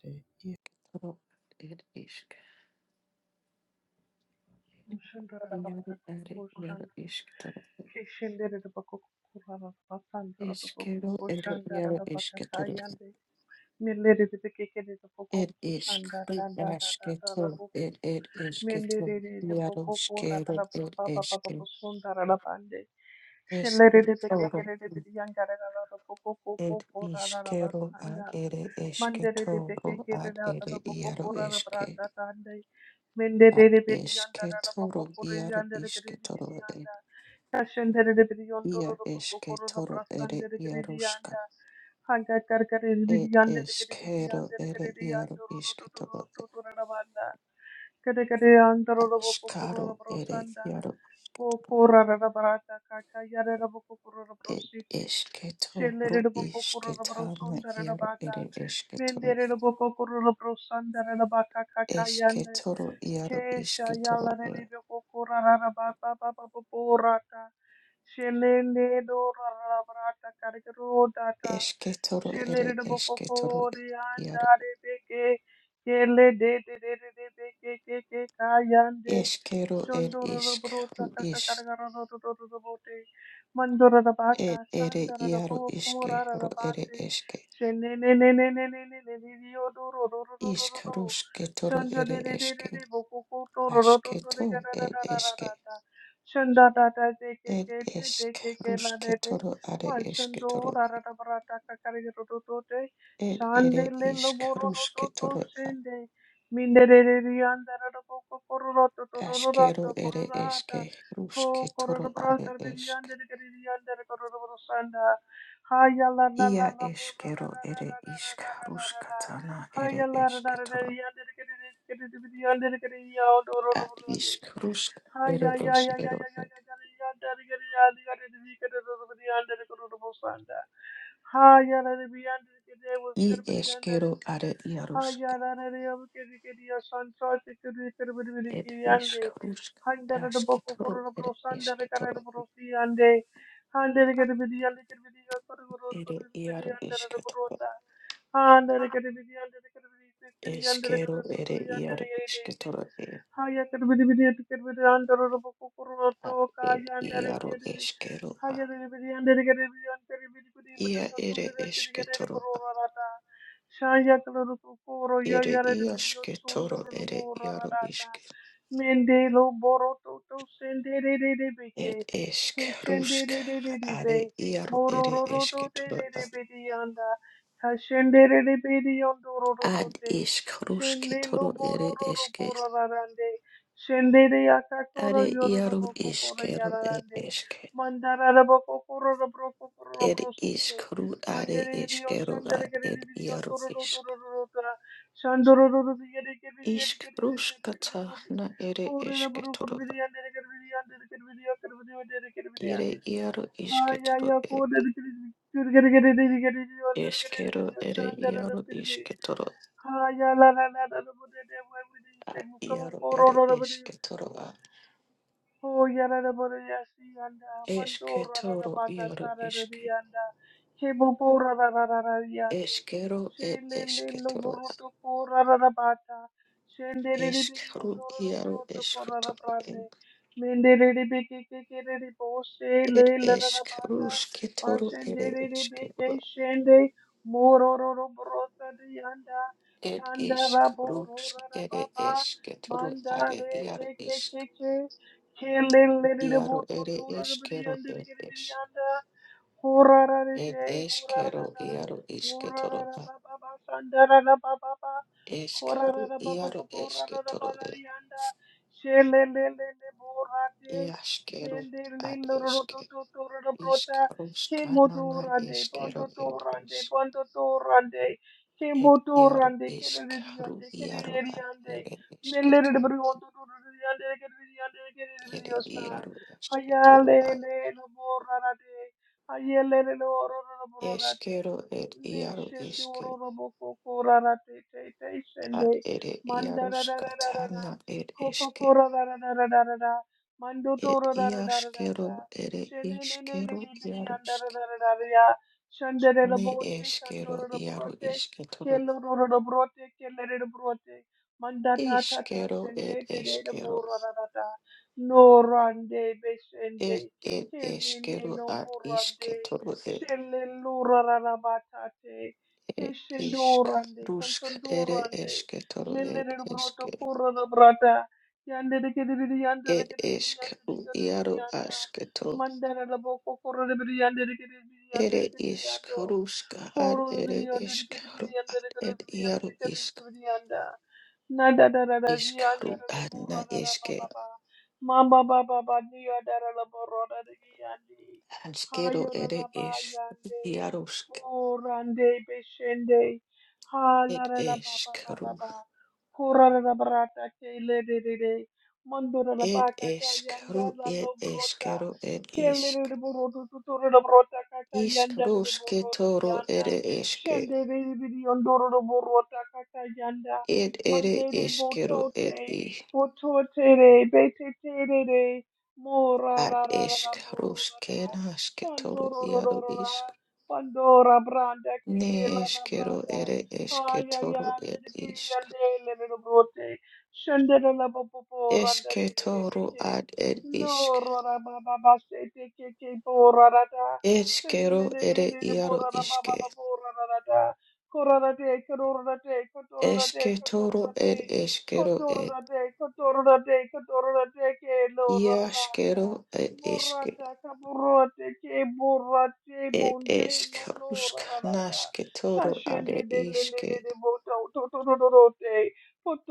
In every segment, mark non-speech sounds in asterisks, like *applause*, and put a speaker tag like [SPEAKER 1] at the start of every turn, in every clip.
[SPEAKER 1] Toro ir išk. Jaru ir jaru išk. Toro. Iskero, ir jaru išk. Toro. Ir išk. Ir išk. Toro. Ir
[SPEAKER 2] Shandara
[SPEAKER 1] ir išk. Toro. Jaru iskero, ir išk. Išk. Toro. Ir iskero ar ir išk.
[SPEAKER 2] Mandere de beke
[SPEAKER 1] Toro.
[SPEAKER 2] kere
[SPEAKER 1] Ar
[SPEAKER 2] da da
[SPEAKER 1] ir
[SPEAKER 2] da boko
[SPEAKER 1] jaru
[SPEAKER 2] kora da
[SPEAKER 1] išk.
[SPEAKER 2] brata tande. Mendere
[SPEAKER 1] Ar
[SPEAKER 2] de bedi
[SPEAKER 1] išk.
[SPEAKER 2] yanda da da
[SPEAKER 1] Toro.
[SPEAKER 2] boko kore
[SPEAKER 1] Jaru
[SPEAKER 2] yanda da
[SPEAKER 1] išk.
[SPEAKER 2] kere de bedi
[SPEAKER 1] Toro.
[SPEAKER 2] yanda. Kashendere de biriyon doro
[SPEAKER 1] Ir
[SPEAKER 2] poko
[SPEAKER 1] išk.
[SPEAKER 2] korona
[SPEAKER 1] Toro. Ir
[SPEAKER 2] prasandere kere
[SPEAKER 1] jaru
[SPEAKER 2] di anda. Hanga kar kare di bidi
[SPEAKER 1] It
[SPEAKER 2] yande de
[SPEAKER 1] is
[SPEAKER 2] kere bidi
[SPEAKER 1] caro
[SPEAKER 2] yande de
[SPEAKER 1] ere
[SPEAKER 2] kere di
[SPEAKER 1] iaro
[SPEAKER 2] yando ro ro ro
[SPEAKER 1] isketoro
[SPEAKER 2] ro ro ro ro banda. Kere kere yando ro ro poko korona
[SPEAKER 1] askaro ere
[SPEAKER 2] prasanda.
[SPEAKER 1] yaro.
[SPEAKER 2] Ko kora ra ra barata kaka yare ra poko korona
[SPEAKER 1] it
[SPEAKER 2] prositi. Shelere
[SPEAKER 1] isketoro
[SPEAKER 2] de poko korona
[SPEAKER 1] isketana
[SPEAKER 2] prosunda ra ra
[SPEAKER 1] yaro
[SPEAKER 2] bata.
[SPEAKER 1] ere isketoro
[SPEAKER 2] Mendere de poko korona prosanda ra ra baka kaka yande.
[SPEAKER 1] esketoro iaro
[SPEAKER 2] Kesha
[SPEAKER 1] isketoro
[SPEAKER 2] yala rebe
[SPEAKER 1] e
[SPEAKER 2] kokora rara ba ba ba ba ba borata. Shelele do rara brata karikro data.
[SPEAKER 1] esketoro
[SPEAKER 2] Shelele
[SPEAKER 1] ere
[SPEAKER 2] do
[SPEAKER 1] esketoro e
[SPEAKER 2] bokokori anda
[SPEAKER 1] iaro
[SPEAKER 2] rebe ke. Kele de de de de de de ke ke ke kayande.
[SPEAKER 1] eskero er
[SPEAKER 2] Shondoro do
[SPEAKER 1] isk
[SPEAKER 2] brota
[SPEAKER 1] ru
[SPEAKER 2] kaka
[SPEAKER 1] is
[SPEAKER 2] karikara do do do do do bote. Mandora da
[SPEAKER 1] et
[SPEAKER 2] baka
[SPEAKER 1] ere
[SPEAKER 2] sandara da
[SPEAKER 1] yaro iske
[SPEAKER 2] bokora
[SPEAKER 1] ro
[SPEAKER 2] rara
[SPEAKER 1] ere
[SPEAKER 2] bate.
[SPEAKER 1] eske
[SPEAKER 2] Shelele ne ne ne ne ne ne ne ne ne yo do ro do do do do
[SPEAKER 1] isk
[SPEAKER 2] do.
[SPEAKER 1] rusketoro
[SPEAKER 2] Shonda de
[SPEAKER 1] ere
[SPEAKER 2] de de de
[SPEAKER 1] eske
[SPEAKER 2] de bokuku toro roto to tore ga
[SPEAKER 1] Ashketo
[SPEAKER 2] da da
[SPEAKER 1] er
[SPEAKER 2] da da da
[SPEAKER 1] eske
[SPEAKER 2] da da. Shonda da da de ke
[SPEAKER 1] Ed
[SPEAKER 2] ke te de
[SPEAKER 1] esk
[SPEAKER 2] ke ke la de de.
[SPEAKER 1] rusketoro are
[SPEAKER 2] Man shondo
[SPEAKER 1] esketoro.
[SPEAKER 2] da da da bara ta ka kare ro to to te.
[SPEAKER 1] Ed
[SPEAKER 2] Shande
[SPEAKER 1] ere
[SPEAKER 2] le lo
[SPEAKER 1] isk
[SPEAKER 2] bo ro to
[SPEAKER 1] rusketoro
[SPEAKER 2] shende. Minde de de de anda ra da boku koro ro to to ro ro ro
[SPEAKER 1] askero
[SPEAKER 2] to koro
[SPEAKER 1] ere
[SPEAKER 2] ra
[SPEAKER 1] eske
[SPEAKER 2] ta. Ko koro ro
[SPEAKER 1] rusketoro
[SPEAKER 2] bra
[SPEAKER 1] are
[SPEAKER 2] sar bi di
[SPEAKER 1] esk.
[SPEAKER 2] ande de ke di ande de koro ro ro sanda. Ha ya la la la
[SPEAKER 1] Ia
[SPEAKER 2] la bo ra ra
[SPEAKER 1] eskero
[SPEAKER 2] ra
[SPEAKER 1] ere
[SPEAKER 2] ra ra
[SPEAKER 1] isk
[SPEAKER 2] ra ra ra ra ra.
[SPEAKER 1] ruskatana
[SPEAKER 2] Hay
[SPEAKER 1] ere
[SPEAKER 2] Allah, da da da da,
[SPEAKER 1] esketoro.
[SPEAKER 2] ya da da da da da da
[SPEAKER 1] Ad isk rusk ere eskero. e. I
[SPEAKER 2] da,
[SPEAKER 1] eskero are ia rusk. Ed isk rusk asketoro ere
[SPEAKER 2] ya
[SPEAKER 1] esketoro.
[SPEAKER 2] Hayalana Handere kere bidi yande kere bidi yande kere bidi yande
[SPEAKER 1] Ere
[SPEAKER 2] kere bidi
[SPEAKER 1] iar
[SPEAKER 2] yande kere
[SPEAKER 1] esketoro.
[SPEAKER 2] burota. Handere kere bidi yande kere bidi yande kere yande
[SPEAKER 1] Eskero
[SPEAKER 2] kere
[SPEAKER 1] ere
[SPEAKER 2] tuturu yande
[SPEAKER 1] iar
[SPEAKER 2] kere
[SPEAKER 1] esketoro.
[SPEAKER 2] Haya kadibidi bidi eti kadibidi andoro robo kokoro oto
[SPEAKER 1] ad ed
[SPEAKER 2] kaya andare
[SPEAKER 1] iaro
[SPEAKER 2] kiri di.
[SPEAKER 1] eskero a
[SPEAKER 2] Haya kadibidi andare kadibidi andare bidi bidi bidi
[SPEAKER 1] ia
[SPEAKER 2] so
[SPEAKER 1] ere
[SPEAKER 2] kiri kiri
[SPEAKER 1] esketoro a
[SPEAKER 2] rata. Shaya kadoro kokoro ya
[SPEAKER 1] ere
[SPEAKER 2] ya re bidi yo
[SPEAKER 1] iasketoro ere iaro
[SPEAKER 2] rata.
[SPEAKER 1] iske
[SPEAKER 2] Mende lo boro to to sende beke.
[SPEAKER 1] ed esk
[SPEAKER 2] Kishende
[SPEAKER 1] rusk
[SPEAKER 2] re re be.
[SPEAKER 1] are iaro
[SPEAKER 2] Moro
[SPEAKER 1] ere
[SPEAKER 2] ro ro to te
[SPEAKER 1] esketoro
[SPEAKER 2] re re
[SPEAKER 1] a
[SPEAKER 2] bidi anda. Kashende re re bidi
[SPEAKER 1] ad
[SPEAKER 2] te.
[SPEAKER 1] isk
[SPEAKER 2] Shende lo
[SPEAKER 1] rusketoro
[SPEAKER 2] boro
[SPEAKER 1] ere
[SPEAKER 2] ro ro
[SPEAKER 1] eske
[SPEAKER 2] boro rarande. Shende re akakoro
[SPEAKER 1] are
[SPEAKER 2] yoro ro
[SPEAKER 1] iaro
[SPEAKER 2] boko koro
[SPEAKER 1] iskero ed
[SPEAKER 2] yararande.
[SPEAKER 1] eske
[SPEAKER 2] Mandara ro boko koro ro bro koro ro
[SPEAKER 1] ed
[SPEAKER 2] bro
[SPEAKER 1] isk
[SPEAKER 2] site.
[SPEAKER 1] ru are
[SPEAKER 2] Mandere rio
[SPEAKER 1] eskero
[SPEAKER 2] shandere
[SPEAKER 1] ad
[SPEAKER 2] kere
[SPEAKER 1] ed
[SPEAKER 2] rio
[SPEAKER 1] iaro
[SPEAKER 2] toro ro toro
[SPEAKER 1] isk
[SPEAKER 2] ro ro tara. Shandoro ro ro yere kere yere
[SPEAKER 1] isk
[SPEAKER 2] kere yere kere kere
[SPEAKER 1] ruskata
[SPEAKER 2] kere. kere.
[SPEAKER 1] na ere
[SPEAKER 2] Ore ro boro koro
[SPEAKER 1] esketoro
[SPEAKER 2] yere
[SPEAKER 1] a
[SPEAKER 2] yere kere yere kere yere kere yere kere yere.
[SPEAKER 1] Ire iaro
[SPEAKER 2] Ha! Yeah, yeah. Go
[SPEAKER 1] isketoro
[SPEAKER 2] and get it. Get it, get it, get it, get it, get it. One, get it, get it, get it.
[SPEAKER 1] Eskero
[SPEAKER 2] Oh,
[SPEAKER 1] ere
[SPEAKER 2] Shanda, get it,
[SPEAKER 1] iaro
[SPEAKER 2] get it.
[SPEAKER 1] isketoro
[SPEAKER 2] Ha! Yeah, la la la. That's what we need. We need
[SPEAKER 1] a
[SPEAKER 2] some more
[SPEAKER 1] iaro
[SPEAKER 2] color,
[SPEAKER 1] ere
[SPEAKER 2] color, color.
[SPEAKER 1] esketoro a
[SPEAKER 2] Oh, yarada barayasi yanda, mando rarada
[SPEAKER 1] esketoro
[SPEAKER 2] bata
[SPEAKER 1] iaro
[SPEAKER 2] tarada
[SPEAKER 1] eske
[SPEAKER 2] yanda, kebo bo rarada yande,
[SPEAKER 1] eskero ed
[SPEAKER 2] shele le lo
[SPEAKER 1] esketoro a
[SPEAKER 2] buruto pora rarada bata, shende re re biri
[SPEAKER 1] eskru
[SPEAKER 2] yondo rarada
[SPEAKER 1] iaro
[SPEAKER 2] buruto ko rarada
[SPEAKER 1] esketoro en
[SPEAKER 2] brande, mende re re beke ke ke re re bo
[SPEAKER 1] ed
[SPEAKER 2] shele le rarada
[SPEAKER 1] eskru
[SPEAKER 2] bata, pa
[SPEAKER 1] sketoro
[SPEAKER 2] shende
[SPEAKER 1] ere
[SPEAKER 2] re re
[SPEAKER 1] eskero
[SPEAKER 2] beke shende, moro roro buruto de yanda,
[SPEAKER 1] ed
[SPEAKER 2] kanda
[SPEAKER 1] iskru
[SPEAKER 2] rabo
[SPEAKER 1] sk-
[SPEAKER 2] rarada
[SPEAKER 1] ere
[SPEAKER 2] baba,
[SPEAKER 1] esketoro
[SPEAKER 2] manda
[SPEAKER 1] are
[SPEAKER 2] re
[SPEAKER 1] iaro
[SPEAKER 2] ke ke
[SPEAKER 1] isk
[SPEAKER 2] ke ke. Rande,
[SPEAKER 1] iaro
[SPEAKER 2] Kimbo
[SPEAKER 1] ere eskero ed es ed eskero iaro isketoro Eshkero, Iaro Eshketoro, Iashkero, Ad Eshke, Ishkero, Skanana, Eshkero, Ed Esh, Ed
[SPEAKER 2] to
[SPEAKER 1] Iaro
[SPEAKER 2] Rande, Kennedy
[SPEAKER 1] Eshkaru,
[SPEAKER 2] Yonde,
[SPEAKER 1] Iaro
[SPEAKER 2] Kennedy
[SPEAKER 1] Ad
[SPEAKER 2] Yonde,
[SPEAKER 1] Ed
[SPEAKER 2] Nell'erede
[SPEAKER 1] Eshketoro,
[SPEAKER 2] per conto loro di andare che di andare che di di
[SPEAKER 1] Ed
[SPEAKER 2] osta.
[SPEAKER 1] Iaro Eshketoro,
[SPEAKER 2] Ayale
[SPEAKER 1] Ad
[SPEAKER 2] le lo borra te. Ayale le lo oro lo borra te.
[SPEAKER 1] Eshkero, Ed
[SPEAKER 2] Ne
[SPEAKER 1] Iaro
[SPEAKER 2] scende oro
[SPEAKER 1] Eshke,
[SPEAKER 2] lo bocco cora te te te
[SPEAKER 1] Ad
[SPEAKER 2] scende.
[SPEAKER 1] Ed
[SPEAKER 2] Manda
[SPEAKER 1] Iaro
[SPEAKER 2] da da da da da da.
[SPEAKER 1] Skatana, Ed
[SPEAKER 2] Copa
[SPEAKER 1] Eshke,
[SPEAKER 2] cora da da da da da da da. Mando
[SPEAKER 1] Ed
[SPEAKER 2] toro da da da da da da.
[SPEAKER 1] Iashkero, Ed
[SPEAKER 2] Scende ne ne ne
[SPEAKER 1] iskero
[SPEAKER 2] ne di
[SPEAKER 1] iaro
[SPEAKER 2] andare
[SPEAKER 1] Iaroshke,
[SPEAKER 2] da da da da da. Scendere la
[SPEAKER 1] Ne
[SPEAKER 2] botte, candore
[SPEAKER 1] Eshkero,
[SPEAKER 2] la
[SPEAKER 1] Iaro
[SPEAKER 2] brote, che
[SPEAKER 1] Eshketoro,
[SPEAKER 2] loro la brote, che le brote. Mandata tata
[SPEAKER 1] Ishkero ed
[SPEAKER 2] shende de de de
[SPEAKER 1] eshkero
[SPEAKER 2] bora da da da. No rande be
[SPEAKER 1] ed
[SPEAKER 2] shende.
[SPEAKER 1] ed
[SPEAKER 2] Kene ne
[SPEAKER 1] eshkero
[SPEAKER 2] no
[SPEAKER 1] ad
[SPEAKER 2] borande.
[SPEAKER 1] ishketoro ed
[SPEAKER 2] Shelle lura da da batate.
[SPEAKER 1] ed
[SPEAKER 2] Keshendo
[SPEAKER 1] ishk
[SPEAKER 2] rande.
[SPEAKER 1] rusk
[SPEAKER 2] Kansondo
[SPEAKER 1] ere
[SPEAKER 2] rande.
[SPEAKER 1] eshketoro
[SPEAKER 2] Mille
[SPEAKER 1] ed
[SPEAKER 2] de broto
[SPEAKER 1] eshke
[SPEAKER 2] corra da brata. Yande de kede de yanda de
[SPEAKER 1] ed
[SPEAKER 2] kede de
[SPEAKER 1] eshk
[SPEAKER 2] yanda de
[SPEAKER 1] ru
[SPEAKER 2] kede de
[SPEAKER 1] iaro
[SPEAKER 2] yanda.
[SPEAKER 1] ashketo
[SPEAKER 2] Mandana la boko corra de yanda de kede de yanda de
[SPEAKER 1] ere
[SPEAKER 2] kede de
[SPEAKER 1] išk,
[SPEAKER 2] yando.
[SPEAKER 1] ruska, ad
[SPEAKER 2] Horo de
[SPEAKER 1] ere
[SPEAKER 2] yanda de kede de
[SPEAKER 1] eshkero
[SPEAKER 2] yanda de
[SPEAKER 1] ad ed
[SPEAKER 2] kede de
[SPEAKER 1] iaro
[SPEAKER 2] yanda de
[SPEAKER 1] išk,
[SPEAKER 2] kede de yanda. Na da da da da
[SPEAKER 1] ishk
[SPEAKER 2] dia da
[SPEAKER 1] ru
[SPEAKER 2] da la
[SPEAKER 1] ad
[SPEAKER 2] burra
[SPEAKER 1] na
[SPEAKER 2] da da ba ba
[SPEAKER 1] eshke
[SPEAKER 2] ba. Ma ba ba ba ba, dia da da la burra da da dia Ha
[SPEAKER 1] ashkero
[SPEAKER 2] yo da la
[SPEAKER 1] ere
[SPEAKER 2] ba
[SPEAKER 1] eshk
[SPEAKER 2] yande.
[SPEAKER 1] iaro shk
[SPEAKER 2] Burande beshende. Ha la
[SPEAKER 1] ed
[SPEAKER 2] da la ba ba
[SPEAKER 1] eshk
[SPEAKER 2] ba
[SPEAKER 1] ru
[SPEAKER 2] ba ba. Kura da da brata ke le de de de. Mando da la ba
[SPEAKER 1] ed
[SPEAKER 2] ka ta
[SPEAKER 1] eshk ru
[SPEAKER 2] yanda la lo
[SPEAKER 1] ed
[SPEAKER 2] brota.
[SPEAKER 1] eshkero ed
[SPEAKER 2] Kele
[SPEAKER 1] išk
[SPEAKER 2] de de buru tu tu tu da brota ka ta yanda de de
[SPEAKER 1] Ishkarushke
[SPEAKER 2] buru da
[SPEAKER 1] toro
[SPEAKER 2] yanda.
[SPEAKER 1] ere eshke,
[SPEAKER 2] Shende de de de de yondoro da buru ta ka ta yanda.
[SPEAKER 1] ed ere
[SPEAKER 2] Mandere
[SPEAKER 1] eshkero ed
[SPEAKER 2] botote,
[SPEAKER 1] i,
[SPEAKER 2] bototere, betetere, mora
[SPEAKER 1] ad
[SPEAKER 2] ra ra ra ra moro ra
[SPEAKER 1] eshkarushke
[SPEAKER 2] ra,
[SPEAKER 1] nashke toro
[SPEAKER 2] tandoro ro
[SPEAKER 1] iaro
[SPEAKER 2] ro ro
[SPEAKER 1] ishk,
[SPEAKER 2] ra, pandora branda che che
[SPEAKER 1] ne
[SPEAKER 2] la la
[SPEAKER 1] eshkero
[SPEAKER 2] brata,
[SPEAKER 1] ere eshke
[SPEAKER 2] aia ia
[SPEAKER 1] toro ed
[SPEAKER 2] nere di
[SPEAKER 1] ishk,
[SPEAKER 2] andele le brote, scendere la popo randa re
[SPEAKER 1] eshke
[SPEAKER 2] re re
[SPEAKER 1] toro
[SPEAKER 2] bece,
[SPEAKER 1] ad ed
[SPEAKER 2] no
[SPEAKER 1] ishk,
[SPEAKER 2] ro ra ba ba ba se te che bora ra ra, scendere
[SPEAKER 1] eshkero
[SPEAKER 2] ne ne
[SPEAKER 1] ere
[SPEAKER 2] ne ne
[SPEAKER 1] iaro
[SPEAKER 2] bora ra ba ba
[SPEAKER 1] ishke,
[SPEAKER 2] ba bora ra ra Koronate, koronate, kotoronate,
[SPEAKER 1] eshke toro ed
[SPEAKER 2] kotoronate,
[SPEAKER 1] eshkero ed,
[SPEAKER 2] kotoronate, kotoronate, kotoronate, ke lororata,
[SPEAKER 1] iashkero ed ishke,
[SPEAKER 2] borata, kaborate, ke borate,
[SPEAKER 1] ed
[SPEAKER 2] bunde,
[SPEAKER 1] eshkarushk
[SPEAKER 2] nonorarata,
[SPEAKER 1] nashke toro
[SPEAKER 2] sashende,
[SPEAKER 1] ade
[SPEAKER 2] de, le, le,
[SPEAKER 1] ishke,
[SPEAKER 2] le, le, bota, totorote,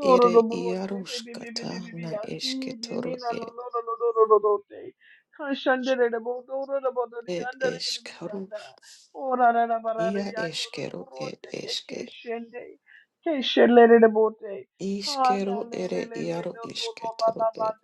[SPEAKER 1] Ere
[SPEAKER 2] baby, baby,
[SPEAKER 1] iaruskata
[SPEAKER 2] baby, baby,
[SPEAKER 1] na
[SPEAKER 2] asi,
[SPEAKER 1] esketoro
[SPEAKER 2] nina,
[SPEAKER 1] ed
[SPEAKER 2] nonorororote, kashandere, botoroborote,
[SPEAKER 1] ed eskaru
[SPEAKER 2] yandere, Ora ra ra ba ra ra
[SPEAKER 1] ia
[SPEAKER 2] yando ro ro
[SPEAKER 1] eskero
[SPEAKER 2] ro
[SPEAKER 1] ed
[SPEAKER 2] te ke
[SPEAKER 1] eske
[SPEAKER 2] ke shende. Ke shele re re bo Ha ya
[SPEAKER 1] iskero
[SPEAKER 2] le
[SPEAKER 1] ere
[SPEAKER 2] le le le
[SPEAKER 1] iaru
[SPEAKER 2] lo lo lo la
[SPEAKER 1] isketoro
[SPEAKER 2] la ba
[SPEAKER 1] ed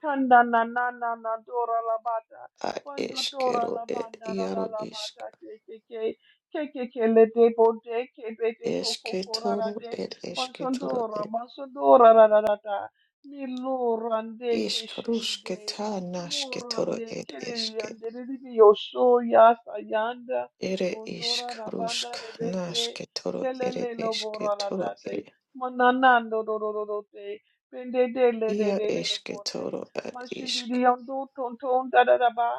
[SPEAKER 2] Kanda na na na na dora la ba
[SPEAKER 1] a
[SPEAKER 2] Quando dora
[SPEAKER 1] eskero
[SPEAKER 2] la ba
[SPEAKER 1] ed
[SPEAKER 2] ra ra
[SPEAKER 1] iaru
[SPEAKER 2] la ba
[SPEAKER 1] isk
[SPEAKER 2] ke ke ke. Ke ke ke le te bo ke be te ko ko ko ra ra
[SPEAKER 1] esketoro
[SPEAKER 2] te.
[SPEAKER 1] ed esketoro
[SPEAKER 2] Pasondora
[SPEAKER 1] ed
[SPEAKER 2] masondora ra ra ra ta. Mi lo rande ke shende.
[SPEAKER 1] iskarusketa nasketoro
[SPEAKER 2] Morande
[SPEAKER 1] ed eske
[SPEAKER 2] kereriande riri so ya sayanda.
[SPEAKER 1] ere
[SPEAKER 2] Bondora rabanda
[SPEAKER 1] iskarusk
[SPEAKER 2] rebeke
[SPEAKER 1] nasketoro ere
[SPEAKER 2] kelele lo bora
[SPEAKER 1] esketoro
[SPEAKER 2] tate
[SPEAKER 1] ed
[SPEAKER 2] mananando do do do do te pende de le de
[SPEAKER 1] ia
[SPEAKER 2] de de de bonde
[SPEAKER 1] esketoro ed
[SPEAKER 2] mashindi di
[SPEAKER 1] isk
[SPEAKER 2] yondo ton ton da da da ba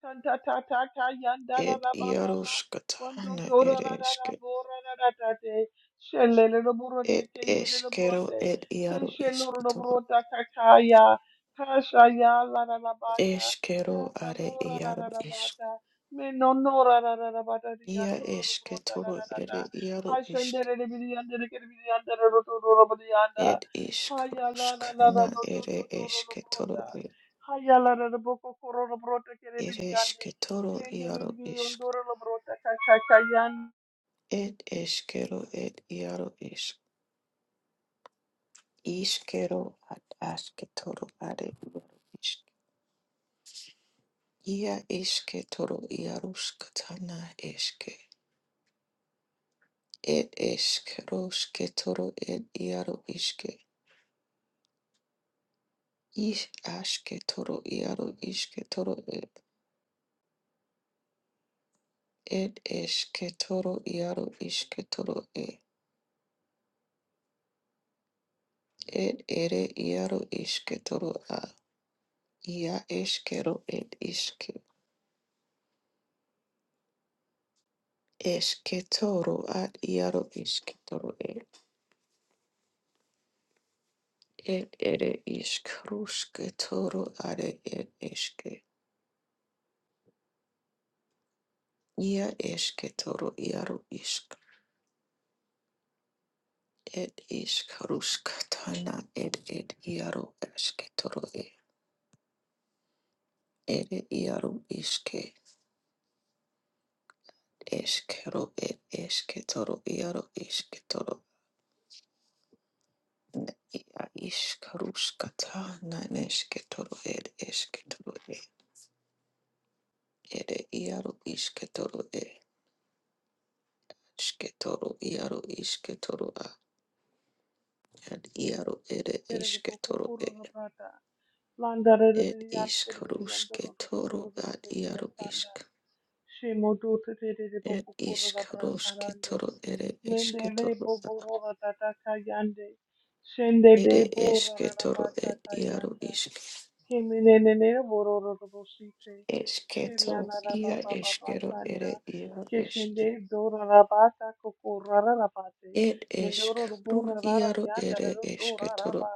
[SPEAKER 2] tan ta ta ta ta yanda da
[SPEAKER 1] Ed
[SPEAKER 2] da ba ba ba bondo
[SPEAKER 1] Yaroshkatana Ed
[SPEAKER 2] tora da da da
[SPEAKER 1] Eshke
[SPEAKER 2] bora da da tate shelele lo boro
[SPEAKER 1] Ed
[SPEAKER 2] ke yele lo boro
[SPEAKER 1] Eshkero Ed
[SPEAKER 2] ke
[SPEAKER 1] Yaro
[SPEAKER 2] sheloro lo boro
[SPEAKER 1] Ishketoro
[SPEAKER 2] kakaya kasha ya la la la baka ya
[SPEAKER 1] Eshkero Are
[SPEAKER 2] salura da
[SPEAKER 1] Yaro
[SPEAKER 2] da
[SPEAKER 1] Ishk
[SPEAKER 2] da me no no ra ra ra ra ba da di an
[SPEAKER 1] Ia
[SPEAKER 2] do ro ro ro da da
[SPEAKER 1] Eshketoro
[SPEAKER 2] da da da.
[SPEAKER 1] Ere Yaro
[SPEAKER 2] Ay sen de
[SPEAKER 1] Ishk
[SPEAKER 2] re re bi di an de re ke re bi di an de re ro to ro ro bi di an da.
[SPEAKER 1] Ed
[SPEAKER 2] Ha ya la la la la
[SPEAKER 1] Ishkroshkana
[SPEAKER 2] no to to
[SPEAKER 1] Ere
[SPEAKER 2] to ro ro ro
[SPEAKER 1] Eshketoro
[SPEAKER 2] da.
[SPEAKER 1] Ere
[SPEAKER 2] Ha ya la ra ra bo ko ko ro ro ro te ke re bi di an de.
[SPEAKER 1] Eshketoro
[SPEAKER 2] Sen de re
[SPEAKER 1] Yaro
[SPEAKER 2] bi on
[SPEAKER 1] Ishk
[SPEAKER 2] do ro ro ro da ka ka ka yan
[SPEAKER 1] Ed Eshkero Ed Yaro Ishk Ishkero Ad Ashketoro Are Yaro Ishk Ia Eshketoro Yaroshkatana Eshke Ed eshkeroshke toro ed iaro ishke. Ish ashke toro iaro ishke toro ed. Ed eshke toro iaro ishke toro ed. Ed ere iaro ishke toro a. Ia eshkero ed ishke. Eshke toro ad iaro ishke toro ed. Ed ere ishkrushke toro are ed eshke. Ia eshke toro iaro ishk. It is Karuskatana, it it Iaru Esketoro, it iaro Iske, Eskero, it Esketoro, Iaru Isketoro, Ia is Karuskatana, Nesketoro, it Esketoro, it Iaru Isketoro, e Esketoro, Iaru Isketoro, and iaro it
[SPEAKER 2] de re bo ko
[SPEAKER 1] Esketoro,
[SPEAKER 2] ko ro ro ro da. Lan da re re bi
[SPEAKER 1] it
[SPEAKER 2] di an
[SPEAKER 1] is
[SPEAKER 2] ke re bi di an do ro ro ro ro
[SPEAKER 1] Karusketoro,
[SPEAKER 2] ro ro ro
[SPEAKER 1] at
[SPEAKER 2] ro ya
[SPEAKER 1] Iaru
[SPEAKER 2] san da. Shimo do terere
[SPEAKER 1] Ed
[SPEAKER 2] boko korora
[SPEAKER 1] ishkaroshke
[SPEAKER 2] bratarande.
[SPEAKER 1] toro ere
[SPEAKER 2] Mende
[SPEAKER 1] eshke
[SPEAKER 2] le
[SPEAKER 1] toro
[SPEAKER 2] boborora tataka yande. Shende
[SPEAKER 1] ere
[SPEAKER 2] de borora
[SPEAKER 1] eshke toro ed
[SPEAKER 2] batata
[SPEAKER 1] iaro
[SPEAKER 2] yanda.
[SPEAKER 1] ishke
[SPEAKER 2] Kemenenene bororo bosite.
[SPEAKER 1] eshke to
[SPEAKER 2] Shilana la
[SPEAKER 1] ia
[SPEAKER 2] baba baba
[SPEAKER 1] eshkero
[SPEAKER 2] sanda.
[SPEAKER 1] ere ia eshke
[SPEAKER 2] Keshende dora la bata kokorara bate.
[SPEAKER 1] ed eshk
[SPEAKER 2] Mendoro
[SPEAKER 1] ru
[SPEAKER 2] bora la
[SPEAKER 1] iaro
[SPEAKER 2] yanda la
[SPEAKER 1] ere eshke
[SPEAKER 2] dora la
[SPEAKER 1] toro
[SPEAKER 2] ba.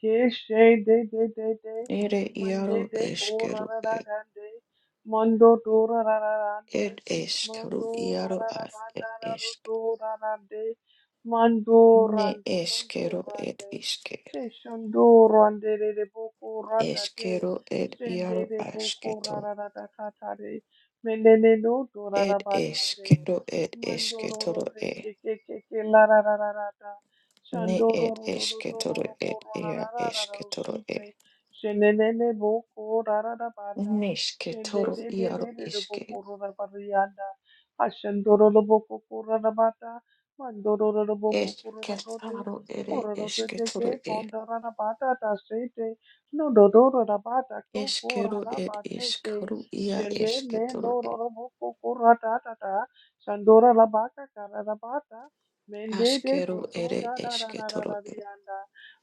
[SPEAKER 2] Keshe de de de de.
[SPEAKER 1] ere
[SPEAKER 2] Mende
[SPEAKER 1] iaro
[SPEAKER 2] de
[SPEAKER 1] eshkero
[SPEAKER 2] borora
[SPEAKER 1] ed
[SPEAKER 2] dande. Mando do ra ra ra ra de.
[SPEAKER 1] ed eshk ru
[SPEAKER 2] Mando ra
[SPEAKER 1] iaro
[SPEAKER 2] ra ra
[SPEAKER 1] ar
[SPEAKER 2] ba da
[SPEAKER 1] ed
[SPEAKER 2] ra ru
[SPEAKER 1] eshk
[SPEAKER 2] do ra ra de. Mando
[SPEAKER 1] ne
[SPEAKER 2] rande, mando
[SPEAKER 1] eshkero ed
[SPEAKER 2] rande.
[SPEAKER 1] ishke
[SPEAKER 2] Te shando rande de de boko rata de.
[SPEAKER 1] eshkero ed
[SPEAKER 2] Shende
[SPEAKER 1] iaro
[SPEAKER 2] de
[SPEAKER 1] ashke
[SPEAKER 2] boko ra
[SPEAKER 1] to
[SPEAKER 2] ra ra da ka ta de. Menene no do ra ra
[SPEAKER 1] ed
[SPEAKER 2] ba ta de.
[SPEAKER 1] eshkero ed
[SPEAKER 2] Mando
[SPEAKER 1] eshke
[SPEAKER 2] ro
[SPEAKER 1] toro
[SPEAKER 2] ro de
[SPEAKER 1] e
[SPEAKER 2] ke ke ke ke la ra ra ra ra da.
[SPEAKER 1] Ne
[SPEAKER 2] Shando ro
[SPEAKER 1] et
[SPEAKER 2] ro ro ro
[SPEAKER 1] eske
[SPEAKER 2] do ro
[SPEAKER 1] toro
[SPEAKER 2] ro bo
[SPEAKER 1] et
[SPEAKER 2] ra ra
[SPEAKER 1] ea
[SPEAKER 2] ra ra ra ra
[SPEAKER 1] eske
[SPEAKER 2] ro
[SPEAKER 1] toro
[SPEAKER 2] si
[SPEAKER 1] e.
[SPEAKER 2] de. Shenene ne ne boko ra ra da ba da.
[SPEAKER 1] Neske
[SPEAKER 2] Shende
[SPEAKER 1] toro
[SPEAKER 2] de de de
[SPEAKER 1] iaro
[SPEAKER 2] de de
[SPEAKER 1] iske.
[SPEAKER 2] bokoro na bariyanda. Ashendoro na bokoro na bata. Mandoro na bokoro na
[SPEAKER 1] Eske
[SPEAKER 2] prote.
[SPEAKER 1] taro ere
[SPEAKER 2] Poro na te
[SPEAKER 1] eske
[SPEAKER 2] te ke
[SPEAKER 1] toro e.
[SPEAKER 2] pondara na bata ta shete. No do do ro na bata ko pora
[SPEAKER 1] Eskero
[SPEAKER 2] na
[SPEAKER 1] et
[SPEAKER 2] bate ke.
[SPEAKER 1] iskaru ia
[SPEAKER 2] Shende
[SPEAKER 1] eske
[SPEAKER 2] ne
[SPEAKER 1] toro
[SPEAKER 2] no
[SPEAKER 1] e.
[SPEAKER 2] ro na bokoro ta ta ta. Shandora na bata kara na bata. Mende de
[SPEAKER 1] Askero
[SPEAKER 2] poto
[SPEAKER 1] ere
[SPEAKER 2] da da da
[SPEAKER 1] eske
[SPEAKER 2] da da
[SPEAKER 1] toro
[SPEAKER 2] da
[SPEAKER 1] e.
[SPEAKER 2] riyanda.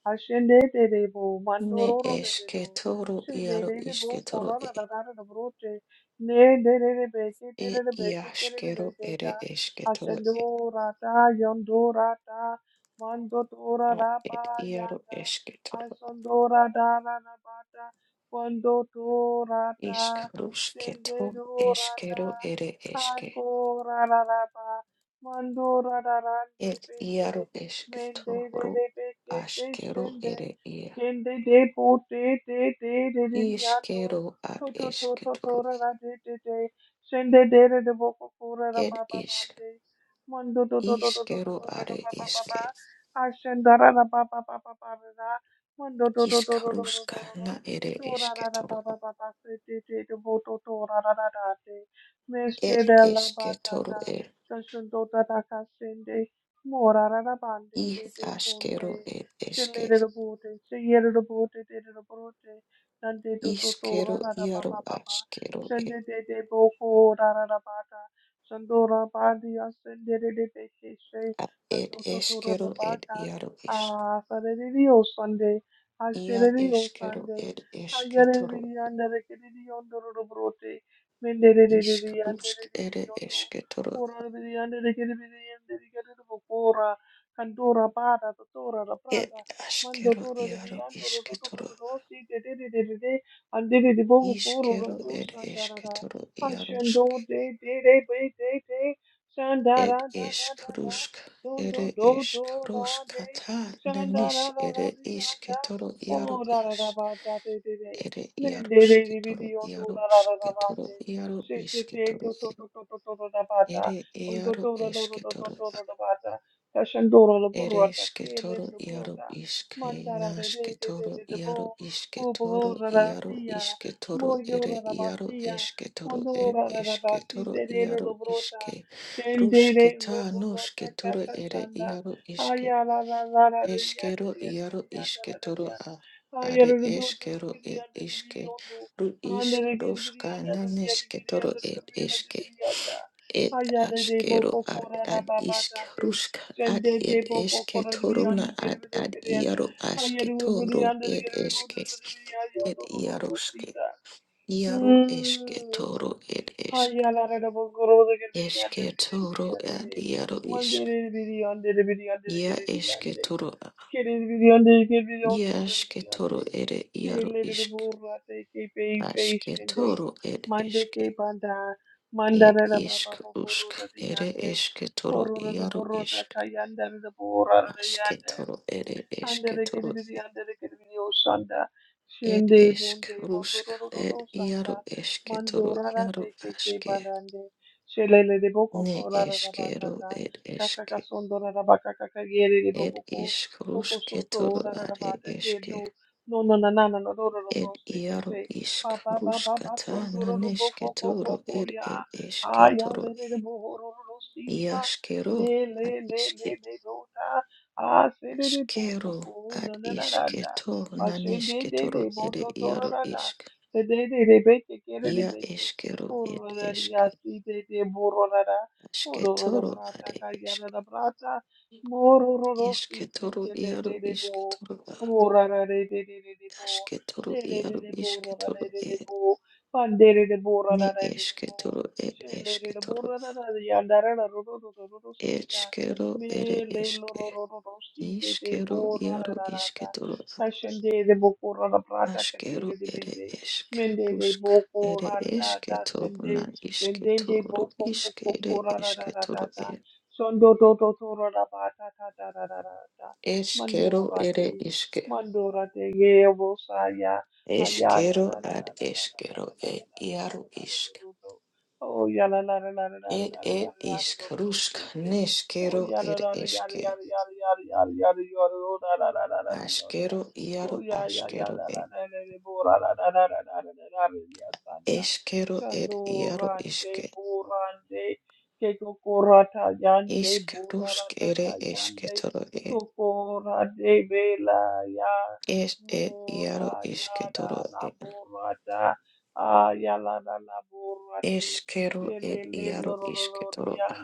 [SPEAKER 2] Ashende de de bo
[SPEAKER 1] Ne
[SPEAKER 2] mandoro de de
[SPEAKER 1] eske
[SPEAKER 2] do.
[SPEAKER 1] toro iaro iske
[SPEAKER 2] Shindelebo
[SPEAKER 1] toro
[SPEAKER 2] korona
[SPEAKER 1] e.
[SPEAKER 2] kakana da broche. ne de ne ne beke de ne
[SPEAKER 1] Et
[SPEAKER 2] ne beke ke ne ne
[SPEAKER 1] iaskero
[SPEAKER 2] beke ta
[SPEAKER 1] ere eske toro
[SPEAKER 2] ashendo
[SPEAKER 1] e?
[SPEAKER 2] rata yondo rata mando tora
[SPEAKER 1] A
[SPEAKER 2] ra pa
[SPEAKER 1] et iaro
[SPEAKER 2] yanda
[SPEAKER 1] eske toro.
[SPEAKER 2] ashendo rata na na bata kondo tora ta
[SPEAKER 1] Iskaruske
[SPEAKER 2] shende
[SPEAKER 1] toro
[SPEAKER 2] do randa
[SPEAKER 1] eskero ere eske.
[SPEAKER 2] ako ra ra ra pa mando ra ra ra de
[SPEAKER 1] Et iaro
[SPEAKER 2] pete mende de
[SPEAKER 1] esketoro
[SPEAKER 2] de beke ke
[SPEAKER 1] askero
[SPEAKER 2] shende
[SPEAKER 1] ere ia.
[SPEAKER 2] Kende de po te te te de de de ando.
[SPEAKER 1] Iskero
[SPEAKER 2] To
[SPEAKER 1] ad
[SPEAKER 2] to to to to
[SPEAKER 1] esketoro.
[SPEAKER 2] ra ra de de de. Shende de re de bo po po ra ra
[SPEAKER 1] Et
[SPEAKER 2] pa pa pa
[SPEAKER 1] isk.
[SPEAKER 2] de. Mondo to to to to to to
[SPEAKER 1] Iskero
[SPEAKER 2] to ra ra
[SPEAKER 1] are
[SPEAKER 2] pa pa pa pa.
[SPEAKER 1] eske.
[SPEAKER 2] Ashenda ra ra pa pa pa pa pa ra ra. Mondo to to to to to to
[SPEAKER 1] Iskaruska
[SPEAKER 2] to to to.
[SPEAKER 1] na ere
[SPEAKER 2] To ra ra ra pa
[SPEAKER 1] esketoro.
[SPEAKER 2] pa pa pa se te te de bo to to ra ra ra ra de.
[SPEAKER 1] Et
[SPEAKER 2] Meshke de la ba ta
[SPEAKER 1] esketoro
[SPEAKER 2] ta.
[SPEAKER 1] e.
[SPEAKER 2] Kashundo ta ta kashende. Mora ra ra pa de
[SPEAKER 1] I
[SPEAKER 2] de de shonde.
[SPEAKER 1] askero et eske.
[SPEAKER 2] Shelleraboote, Sheyeraboote, Deraboote, Sunday to to to, ra
[SPEAKER 1] Iskero
[SPEAKER 2] ra ra pa
[SPEAKER 1] iaro
[SPEAKER 2] pa pa pa,
[SPEAKER 1] askero e.
[SPEAKER 2] Sunday de de bo ko, ra ra Boko, Rada Bata, Sandora Bandia, Sunday de de Beke, Shay,
[SPEAKER 1] A- Et
[SPEAKER 2] Santo Toto
[SPEAKER 1] eskero et
[SPEAKER 2] Rabata,
[SPEAKER 1] iaro isk.
[SPEAKER 2] Ah, Sarerio Sunday, Ah,
[SPEAKER 1] Ia
[SPEAKER 2] Shellerio
[SPEAKER 1] eskero
[SPEAKER 2] Sunday,
[SPEAKER 1] et
[SPEAKER 2] Ah,
[SPEAKER 1] esketoro.
[SPEAKER 2] Yerevi under the Kennedy on the Rodobrote, Mende de de de de anda de under
[SPEAKER 1] Iskarusk
[SPEAKER 2] de
[SPEAKER 1] ere
[SPEAKER 2] Vidiondo,
[SPEAKER 1] esketoro
[SPEAKER 2] Ora the under the de de the Kandura bara tutura la
[SPEAKER 1] Ed
[SPEAKER 2] prata mando
[SPEAKER 1] ashkero
[SPEAKER 2] tura
[SPEAKER 1] iaro
[SPEAKER 2] de andoro tutu
[SPEAKER 1] isketoro
[SPEAKER 2] tutu the de de de de de andiri di boku kuru
[SPEAKER 1] iskero
[SPEAKER 2] rotu
[SPEAKER 1] ed
[SPEAKER 2] sandara da
[SPEAKER 1] esketoro iaroske
[SPEAKER 2] do de de de de de de
[SPEAKER 1] ed
[SPEAKER 2] sandara da da da da
[SPEAKER 1] eskrusk
[SPEAKER 2] don
[SPEAKER 1] ere
[SPEAKER 2] do do do da de
[SPEAKER 1] eskruskata nanis
[SPEAKER 2] sandara da da
[SPEAKER 1] ere
[SPEAKER 2] di anda
[SPEAKER 1] isketoro iaro
[SPEAKER 2] oh da da
[SPEAKER 1] es
[SPEAKER 2] da ba da de de de
[SPEAKER 1] ere
[SPEAKER 2] mende de di
[SPEAKER 1] iarosketoro
[SPEAKER 2] bi on do da da da da, ba
[SPEAKER 1] iarosketoro
[SPEAKER 2] de
[SPEAKER 1] iaro
[SPEAKER 2] se se te
[SPEAKER 1] isketoro
[SPEAKER 2] to to to to to to da ba da
[SPEAKER 1] ere
[SPEAKER 2] on, do
[SPEAKER 1] iaro
[SPEAKER 2] do do do do do do
[SPEAKER 1] esketoro
[SPEAKER 2] do, da ba da Kashandoro la burrota,
[SPEAKER 1] Ereshke
[SPEAKER 2] kiele
[SPEAKER 1] toro
[SPEAKER 2] de
[SPEAKER 1] iaro
[SPEAKER 2] brota,
[SPEAKER 1] ishke
[SPEAKER 2] mandara de de
[SPEAKER 1] nashke
[SPEAKER 2] de de
[SPEAKER 1] toro
[SPEAKER 2] de de
[SPEAKER 1] iaro
[SPEAKER 2] bo,
[SPEAKER 1] ishke
[SPEAKER 2] bo
[SPEAKER 1] toro
[SPEAKER 2] bo la la
[SPEAKER 1] iaro
[SPEAKER 2] sia,
[SPEAKER 1] ishke toro
[SPEAKER 2] mo
[SPEAKER 1] ere
[SPEAKER 2] yora la
[SPEAKER 1] iaro
[SPEAKER 2] basia,
[SPEAKER 1] eshke toro er
[SPEAKER 2] monora la la
[SPEAKER 1] eshke
[SPEAKER 2] basi
[SPEAKER 1] toro
[SPEAKER 2] de de de
[SPEAKER 1] iaro
[SPEAKER 2] lo brota,
[SPEAKER 1] ishke
[SPEAKER 2] shende de
[SPEAKER 1] rushke
[SPEAKER 2] lo
[SPEAKER 1] ta
[SPEAKER 2] burrota
[SPEAKER 1] noshke toro
[SPEAKER 2] kata
[SPEAKER 1] ere
[SPEAKER 2] shanda,
[SPEAKER 1] iaro ishke
[SPEAKER 2] aya la la la la de yanda
[SPEAKER 1] eshkero
[SPEAKER 2] de yanda
[SPEAKER 1] iaro
[SPEAKER 2] de yanda la
[SPEAKER 1] ishke
[SPEAKER 2] de
[SPEAKER 1] toro
[SPEAKER 2] yanda,
[SPEAKER 1] a
[SPEAKER 2] aya
[SPEAKER 1] are
[SPEAKER 2] la de do do de de
[SPEAKER 1] eshkero e
[SPEAKER 2] yanda de de
[SPEAKER 1] ishke
[SPEAKER 2] yondo,
[SPEAKER 1] ru
[SPEAKER 2] anda
[SPEAKER 1] ish
[SPEAKER 2] de de de
[SPEAKER 1] roshka
[SPEAKER 2] yanda de de yanda de
[SPEAKER 1] naneshke
[SPEAKER 2] de yanda
[SPEAKER 1] toro
[SPEAKER 2] de
[SPEAKER 1] er
[SPEAKER 2] de yanda de
[SPEAKER 1] eshke
[SPEAKER 2] de yanda,
[SPEAKER 1] Ed
[SPEAKER 2] aya de de bo
[SPEAKER 1] askero
[SPEAKER 2] ko ko
[SPEAKER 1] ad
[SPEAKER 2] la la
[SPEAKER 1] ad
[SPEAKER 2] ba ba
[SPEAKER 1] isk
[SPEAKER 2] ta de.
[SPEAKER 1] rusk ad
[SPEAKER 2] Sende te
[SPEAKER 1] ed
[SPEAKER 2] po po po
[SPEAKER 1] eske
[SPEAKER 2] re bi an di
[SPEAKER 1] toruna
[SPEAKER 2] kere
[SPEAKER 1] ad
[SPEAKER 2] bi de
[SPEAKER 1] ad iaro
[SPEAKER 2] boko koro de kere bi
[SPEAKER 1] aske
[SPEAKER 2] geri bide kiriyen. Hayeri bide bide
[SPEAKER 1] toro
[SPEAKER 2] yandere
[SPEAKER 1] ed
[SPEAKER 2] geri bide
[SPEAKER 1] eske
[SPEAKER 2] bide bide
[SPEAKER 1] ed
[SPEAKER 2] do do do do.
[SPEAKER 1] iaroske
[SPEAKER 2] sita.
[SPEAKER 1] iaro eske toro ed esk
[SPEAKER 2] Hayalarabo Guru the Gabidi and the
[SPEAKER 1] eske
[SPEAKER 2] Gabidi
[SPEAKER 1] toro
[SPEAKER 2] and the
[SPEAKER 1] ad iaro isk ia eske toro a- ia aske toro ere iaro isk aske
[SPEAKER 2] day.
[SPEAKER 1] toro ed
[SPEAKER 2] Monday
[SPEAKER 1] eske
[SPEAKER 2] ke panda,
[SPEAKER 1] ed
[SPEAKER 2] mandara da ba
[SPEAKER 1] isk
[SPEAKER 2] ba ba
[SPEAKER 1] usk
[SPEAKER 2] boro da di
[SPEAKER 1] ere
[SPEAKER 2] yande,
[SPEAKER 1] eske toro
[SPEAKER 2] kororo da
[SPEAKER 1] iaro
[SPEAKER 2] boro da
[SPEAKER 1] isk
[SPEAKER 2] kayanda da boro da yande.
[SPEAKER 1] Ashketoro ere
[SPEAKER 2] Andere
[SPEAKER 1] esketoro
[SPEAKER 2] Gedibidi, andere Gedibidi, Oshanda,
[SPEAKER 1] ed esk
[SPEAKER 2] Shende, Bunde,
[SPEAKER 1] eskrusk ed
[SPEAKER 2] Bondororo,
[SPEAKER 1] iaro
[SPEAKER 2] Santa,
[SPEAKER 1] esketoro
[SPEAKER 2] Mandora,
[SPEAKER 1] iaro
[SPEAKER 2] Keke,
[SPEAKER 1] aske
[SPEAKER 2] Bandande, Shelele de
[SPEAKER 1] ne
[SPEAKER 2] Bokoko,
[SPEAKER 1] eskero
[SPEAKER 2] Larabazata,
[SPEAKER 1] ed eske
[SPEAKER 2] Kakaka Sondora, Rabakaka, Yere de
[SPEAKER 1] ed
[SPEAKER 2] Bokoko, Coco Soto,
[SPEAKER 1] iskrusketoro are
[SPEAKER 2] Larabata,
[SPEAKER 1] eske
[SPEAKER 2] Kedo, no, no, no, no, no, no, no, no,
[SPEAKER 1] ed
[SPEAKER 2] Rose,
[SPEAKER 1] iaro
[SPEAKER 2] Tete, Papa, Baba,
[SPEAKER 1] iskruskata
[SPEAKER 2] Sondoro, Boko,
[SPEAKER 1] nanesketoro
[SPEAKER 2] Coco,
[SPEAKER 1] ed
[SPEAKER 2] Ya,
[SPEAKER 1] ed
[SPEAKER 2] Aya,
[SPEAKER 1] esketoro
[SPEAKER 2] Lede, Bohoro, Rosita,
[SPEAKER 1] iaskero
[SPEAKER 2] Ne,
[SPEAKER 1] ad
[SPEAKER 2] Le,
[SPEAKER 1] iske
[SPEAKER 2] Le, Le, Le, Ah, sedede boko
[SPEAKER 1] askero
[SPEAKER 2] po,
[SPEAKER 1] ad
[SPEAKER 2] da da da da da.
[SPEAKER 1] isketo
[SPEAKER 2] Ashende de
[SPEAKER 1] nanesketoro
[SPEAKER 2] de
[SPEAKER 1] ere
[SPEAKER 2] boto toro
[SPEAKER 1] iaro
[SPEAKER 2] da da.
[SPEAKER 1] isk
[SPEAKER 2] Se de de de beke kere de
[SPEAKER 1] Ia
[SPEAKER 2] beke.
[SPEAKER 1] eskero ed
[SPEAKER 2] Koro da di
[SPEAKER 1] eske.
[SPEAKER 2] asi de de boro da da. Koro ro da
[SPEAKER 1] Ashketoro are
[SPEAKER 2] brata
[SPEAKER 1] ishk
[SPEAKER 2] kagara da brata. Moro ro ro si se
[SPEAKER 1] ishketoro
[SPEAKER 2] kere de
[SPEAKER 1] iaro
[SPEAKER 2] de de bo.
[SPEAKER 1] ishketoro a
[SPEAKER 2] Bora da de de de de de bo.
[SPEAKER 1] ashketoro
[SPEAKER 2] Sede de de
[SPEAKER 1] iaro
[SPEAKER 2] de boro da
[SPEAKER 1] ishketoro
[SPEAKER 2] de de
[SPEAKER 1] e
[SPEAKER 2] de bo. Pandere de bora
[SPEAKER 1] ne
[SPEAKER 2] da de de de bo.
[SPEAKER 1] eshketoro ed
[SPEAKER 2] Shele de de
[SPEAKER 1] eshketoro
[SPEAKER 2] bora da da. Yandara da ro ro ro ro ro ro si
[SPEAKER 1] eshkero
[SPEAKER 2] me
[SPEAKER 1] ere
[SPEAKER 2] le lo
[SPEAKER 1] eshke
[SPEAKER 2] ro ro ro ro si te te
[SPEAKER 1] ishkero
[SPEAKER 2] bo ra ra
[SPEAKER 1] iaro
[SPEAKER 2] ra ra ta.
[SPEAKER 1] ishketoro
[SPEAKER 2] Fashion de de bo ko ra ra pra
[SPEAKER 1] a
[SPEAKER 2] ta ka te
[SPEAKER 1] ashkero
[SPEAKER 2] re de be
[SPEAKER 1] ere
[SPEAKER 2] de.
[SPEAKER 1] eshk
[SPEAKER 2] Me de de
[SPEAKER 1] rusk
[SPEAKER 2] bo ko
[SPEAKER 1] ere
[SPEAKER 2] ra da da sen
[SPEAKER 1] eshketoro
[SPEAKER 2] de.
[SPEAKER 1] na
[SPEAKER 2] Ben de de
[SPEAKER 1] ishketoro
[SPEAKER 2] bo ko ko ko
[SPEAKER 1] ishkere
[SPEAKER 2] ko ra ra ra ra ra
[SPEAKER 1] eshketoro
[SPEAKER 2] ta.
[SPEAKER 1] e
[SPEAKER 2] Son do do do do ra ra ba ta ta ta ra ra ra ta. Mando
[SPEAKER 1] eshkero
[SPEAKER 2] ra
[SPEAKER 1] ere
[SPEAKER 2] te.
[SPEAKER 1] ishke
[SPEAKER 2] Mando ra te ye bo sa ya. Aya ya
[SPEAKER 1] Eskero
[SPEAKER 2] la la
[SPEAKER 1] ad
[SPEAKER 2] la la la la la
[SPEAKER 1] eskero
[SPEAKER 2] la
[SPEAKER 1] e
[SPEAKER 2] la la la la la la
[SPEAKER 1] iaru
[SPEAKER 2] la la la
[SPEAKER 1] isk.
[SPEAKER 2] la la Oh, yeah, la la la la la la la
[SPEAKER 1] Ed
[SPEAKER 2] la la la la
[SPEAKER 1] ed
[SPEAKER 2] la la la
[SPEAKER 1] ishkarushka
[SPEAKER 2] la. la. Oh
[SPEAKER 1] neshkero
[SPEAKER 2] yada
[SPEAKER 1] ed
[SPEAKER 2] yada yada
[SPEAKER 1] eshke.
[SPEAKER 2] yada yada yada yada yada yada oh da da da da da da yada
[SPEAKER 1] Ashkero
[SPEAKER 2] oh
[SPEAKER 1] iaro
[SPEAKER 2] ya ya ya
[SPEAKER 1] ashkero
[SPEAKER 2] da da
[SPEAKER 1] ed.
[SPEAKER 2] da da da bo da da da da da da da da da da ya sanda
[SPEAKER 1] Eshkero ed
[SPEAKER 2] chando
[SPEAKER 1] iaro
[SPEAKER 2] rande
[SPEAKER 1] iske.
[SPEAKER 2] bo rande ke koko rata yande bo
[SPEAKER 1] Ishkarushk
[SPEAKER 2] rata ta
[SPEAKER 1] ere
[SPEAKER 2] yande
[SPEAKER 1] eshketoro ed.
[SPEAKER 2] koko rande bela ya
[SPEAKER 1] Es ed
[SPEAKER 2] mo
[SPEAKER 1] iaro
[SPEAKER 2] ya
[SPEAKER 1] ishketoro
[SPEAKER 2] da la
[SPEAKER 1] ed.
[SPEAKER 2] bo rata ah ya la la bo rate
[SPEAKER 1] Eshkero
[SPEAKER 2] bele
[SPEAKER 1] ed
[SPEAKER 2] le lo
[SPEAKER 1] iaro
[SPEAKER 2] lo lo
[SPEAKER 1] ishketoro a.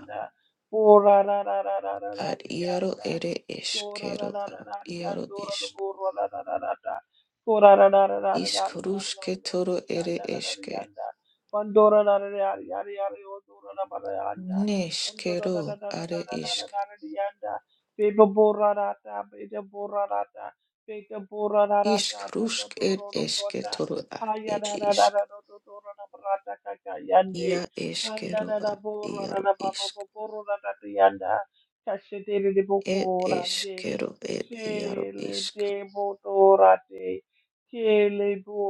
[SPEAKER 2] Ora ra ra ra ra ra ra
[SPEAKER 1] Ad iaro
[SPEAKER 2] rianda.
[SPEAKER 1] ere
[SPEAKER 2] Ora ra
[SPEAKER 1] eshkero
[SPEAKER 2] ra
[SPEAKER 1] a.
[SPEAKER 2] ra ra
[SPEAKER 1] Iaro
[SPEAKER 2] riando ra ra
[SPEAKER 1] ish.
[SPEAKER 2] borro ra ra ra ra ra. Ora ra ra ra ra ra ra ra ra ra ra ra
[SPEAKER 1] Ishkarushketoro ere
[SPEAKER 2] rianda ra ra
[SPEAKER 1] eshke.
[SPEAKER 2] rianda. Pandora ra ra ra ra ra ra odora ra ra rianda. Pandora ra ra
[SPEAKER 1] Neshkero
[SPEAKER 2] ra ra ra
[SPEAKER 1] are
[SPEAKER 2] ra ra
[SPEAKER 1] ishk.
[SPEAKER 2] ra ra rianda. Peba borra ra ta, peba borra ra ta, peba borra ra ra ta
[SPEAKER 1] Ishk
[SPEAKER 2] ta ta
[SPEAKER 1] rushk ed
[SPEAKER 2] toro ro
[SPEAKER 1] eshke
[SPEAKER 2] prota.
[SPEAKER 1] toro ad
[SPEAKER 2] Haya
[SPEAKER 1] ed
[SPEAKER 2] ra ra ra ra
[SPEAKER 1] ishk.
[SPEAKER 2] ra ra ra ra ra ra ta ta ta yande.
[SPEAKER 1] Ia
[SPEAKER 2] Anda
[SPEAKER 1] eshkero
[SPEAKER 2] da da
[SPEAKER 1] ad
[SPEAKER 2] bo ra da
[SPEAKER 1] iaro
[SPEAKER 2] da ba ba
[SPEAKER 1] ishk.
[SPEAKER 2] bo bo ro da da yanda. Kashe de de de bo
[SPEAKER 1] Ed
[SPEAKER 2] ko ra de.
[SPEAKER 1] eshkero ed
[SPEAKER 2] She
[SPEAKER 1] iaro
[SPEAKER 2] le
[SPEAKER 1] ishk.
[SPEAKER 2] de bo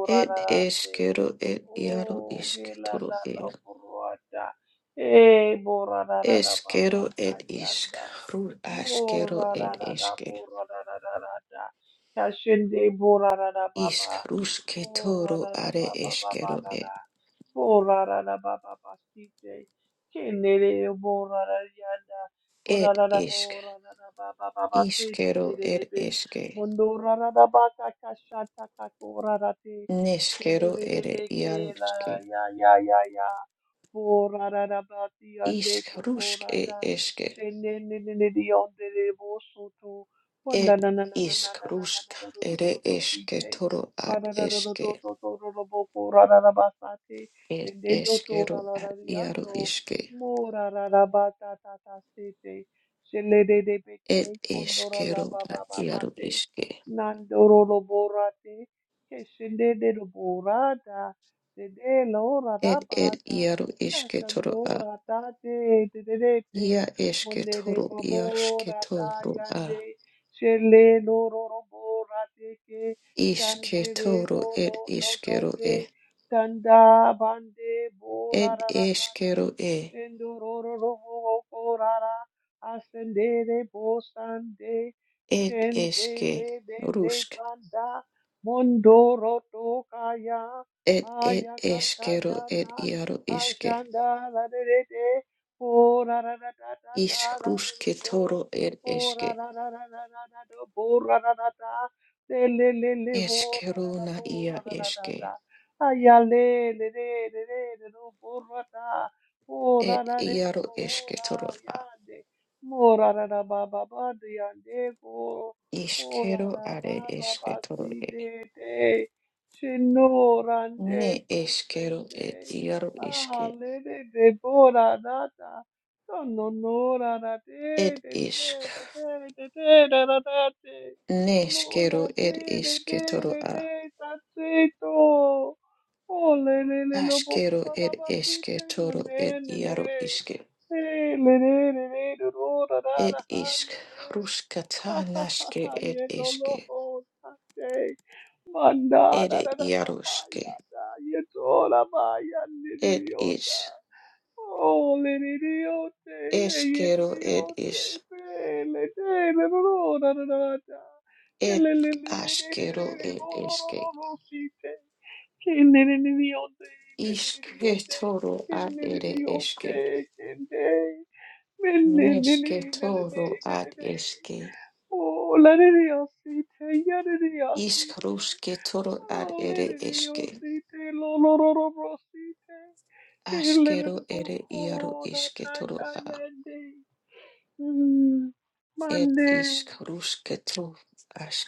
[SPEAKER 1] Ed eshkero ed iaru
[SPEAKER 2] O ge
[SPEAKER 1] ishk
[SPEAKER 2] la
[SPEAKER 1] toro
[SPEAKER 2] la la
[SPEAKER 1] ed.
[SPEAKER 2] E bo ra da da da ba ba
[SPEAKER 1] Eshkero
[SPEAKER 2] ka
[SPEAKER 1] ed ishk.
[SPEAKER 2] yanda.
[SPEAKER 1] Ru
[SPEAKER 2] Bo
[SPEAKER 1] ashkero
[SPEAKER 2] ra da
[SPEAKER 1] ed
[SPEAKER 2] da da
[SPEAKER 1] eshke.
[SPEAKER 2] bo ra da da da da da. Kashe de bo ra da da ba
[SPEAKER 1] Ishk
[SPEAKER 2] ba.
[SPEAKER 1] rushke
[SPEAKER 2] Bo
[SPEAKER 1] toro
[SPEAKER 2] da da
[SPEAKER 1] are
[SPEAKER 2] ba ba ba ba
[SPEAKER 1] eshkero
[SPEAKER 2] da da.
[SPEAKER 1] ed. Ed ishk. Ishkero ed eshke. Neshkero ere iaro ishke. Ishk rushk ed eshke. Ed iskarusk ere eske toro ad eske ed
[SPEAKER 2] Dende do to ra
[SPEAKER 1] eskero
[SPEAKER 2] la
[SPEAKER 1] ad
[SPEAKER 2] la ya
[SPEAKER 1] iaru
[SPEAKER 2] do
[SPEAKER 1] iske
[SPEAKER 2] Mo ra ra ra ba ta ta ta se te. Shele de de be
[SPEAKER 1] ed
[SPEAKER 2] te. Kondo ra la
[SPEAKER 1] eskero
[SPEAKER 2] ba ba
[SPEAKER 1] ad
[SPEAKER 2] ba ba
[SPEAKER 1] iaru
[SPEAKER 2] te.
[SPEAKER 1] iske
[SPEAKER 2] Nando ro lo bo ra te. Ke shende de lo bo ra da. De de lo ra ra
[SPEAKER 1] ed
[SPEAKER 2] ba
[SPEAKER 1] ed
[SPEAKER 2] da.
[SPEAKER 1] iaru
[SPEAKER 2] Ka
[SPEAKER 1] iske toro
[SPEAKER 2] shando
[SPEAKER 1] a
[SPEAKER 2] ra ta te. De de de te.
[SPEAKER 1] ia eske
[SPEAKER 2] Monde de
[SPEAKER 1] toro
[SPEAKER 2] ba bo
[SPEAKER 1] iarske
[SPEAKER 2] ra ta
[SPEAKER 1] toro a
[SPEAKER 2] yande. Shele lo ro ro bo ra te ke.
[SPEAKER 1] iske
[SPEAKER 2] Shande de
[SPEAKER 1] toro
[SPEAKER 2] do
[SPEAKER 1] ed
[SPEAKER 2] do do do
[SPEAKER 1] iskero
[SPEAKER 2] te.
[SPEAKER 1] e
[SPEAKER 2] Kanda bande bo ra
[SPEAKER 1] ed
[SPEAKER 2] ra ra ta ta
[SPEAKER 1] eskero e
[SPEAKER 2] shendo ro ro ro ho ho ho ra ra asende de bo sande
[SPEAKER 1] ed
[SPEAKER 2] shende
[SPEAKER 1] eske
[SPEAKER 2] le de de
[SPEAKER 1] rusk
[SPEAKER 2] banda mondo ro to kaya
[SPEAKER 1] ed ed
[SPEAKER 2] aya ka
[SPEAKER 1] eskero
[SPEAKER 2] kaya
[SPEAKER 1] ed
[SPEAKER 2] ta
[SPEAKER 1] iaru iske
[SPEAKER 2] ashanda la de de de ho ra ra ra ta ta ta ra ra ro
[SPEAKER 1] iskruske
[SPEAKER 2] do
[SPEAKER 1] toro ed
[SPEAKER 2] ho ra
[SPEAKER 1] eske
[SPEAKER 2] ra ra ra ra ra ra do bo ra ra ra ta le le le le ho ra ra
[SPEAKER 1] Eskero
[SPEAKER 2] ra
[SPEAKER 1] na
[SPEAKER 2] bo ra
[SPEAKER 1] ia
[SPEAKER 2] ra ra ta ta
[SPEAKER 1] eske.
[SPEAKER 2] Ayale, le, le, le, le, le, lo, borrata,
[SPEAKER 1] Et
[SPEAKER 2] ora, la, le,
[SPEAKER 1] iaro
[SPEAKER 2] mo,
[SPEAKER 1] eske
[SPEAKER 2] ora,
[SPEAKER 1] torora.
[SPEAKER 2] yande, mo, ra, ra, ba, ba, ba, de, yande, go, o, la,
[SPEAKER 1] Iskero
[SPEAKER 2] la,
[SPEAKER 1] are
[SPEAKER 2] ba, ba,
[SPEAKER 1] eske
[SPEAKER 2] ba, si,
[SPEAKER 1] torore.
[SPEAKER 2] de, de, chino, rande,
[SPEAKER 1] Ne
[SPEAKER 2] bo,
[SPEAKER 1] eskero et
[SPEAKER 2] sende,
[SPEAKER 1] iaro
[SPEAKER 2] ah,
[SPEAKER 1] eske.
[SPEAKER 2] le, le, de, bo, ra, ra, da, no, no, no, ra, ra,
[SPEAKER 1] Et
[SPEAKER 2] de, de,
[SPEAKER 1] isk.
[SPEAKER 2] de, de, de, de, de, ra, ra, da, de,
[SPEAKER 1] Ne
[SPEAKER 2] mora
[SPEAKER 1] eskero et
[SPEAKER 2] de, de,
[SPEAKER 1] eske
[SPEAKER 2] de, de,
[SPEAKER 1] toroa.
[SPEAKER 2] de, ta, Oh, le- le- le- lo- bo- bo-
[SPEAKER 1] Askero
[SPEAKER 2] bo- bo-
[SPEAKER 1] et
[SPEAKER 2] bo- si-
[SPEAKER 1] eske
[SPEAKER 2] te- na-
[SPEAKER 1] toro et
[SPEAKER 2] ne- ne- ne.
[SPEAKER 1] iaro eske.
[SPEAKER 2] Eh, le- le- le- le- do- do- da- da-
[SPEAKER 1] Et
[SPEAKER 2] da- ha-
[SPEAKER 1] isk.
[SPEAKER 2] ya- ne.
[SPEAKER 1] Ruskata
[SPEAKER 2] Ha- ha- ha-
[SPEAKER 1] naske
[SPEAKER 2] ha-
[SPEAKER 1] et
[SPEAKER 2] ye- lo- lo-
[SPEAKER 1] eske.
[SPEAKER 2] ho- sa- te. Manda-
[SPEAKER 1] Et
[SPEAKER 2] da- da- da- ba-
[SPEAKER 1] iaro
[SPEAKER 2] ha-
[SPEAKER 1] eske
[SPEAKER 2] ya- da. Ye- to- la- ba- ya- ni- ni-
[SPEAKER 1] Et
[SPEAKER 2] ni- o-
[SPEAKER 1] is.
[SPEAKER 2] da. Oh, le- ni- ni- o- te. Ye- ye- ni-
[SPEAKER 1] Eskero
[SPEAKER 2] ni-
[SPEAKER 1] et
[SPEAKER 2] o-
[SPEAKER 1] is.
[SPEAKER 2] te. Pe- le- te- le- do- do- da- da- da- da. Ye-
[SPEAKER 1] Et
[SPEAKER 2] le- le- le- le- le- le-
[SPEAKER 1] askero
[SPEAKER 2] le- le-
[SPEAKER 1] et
[SPEAKER 2] bo- do- do-
[SPEAKER 1] eske.
[SPEAKER 2] do- do- si- te.
[SPEAKER 1] Iske toro ad ere eske. Neske toro ad eske. Iskruske toro ad ere eske. Askero ere iaro iske toro a. Et
[SPEAKER 2] Monday,
[SPEAKER 1] iskruske to.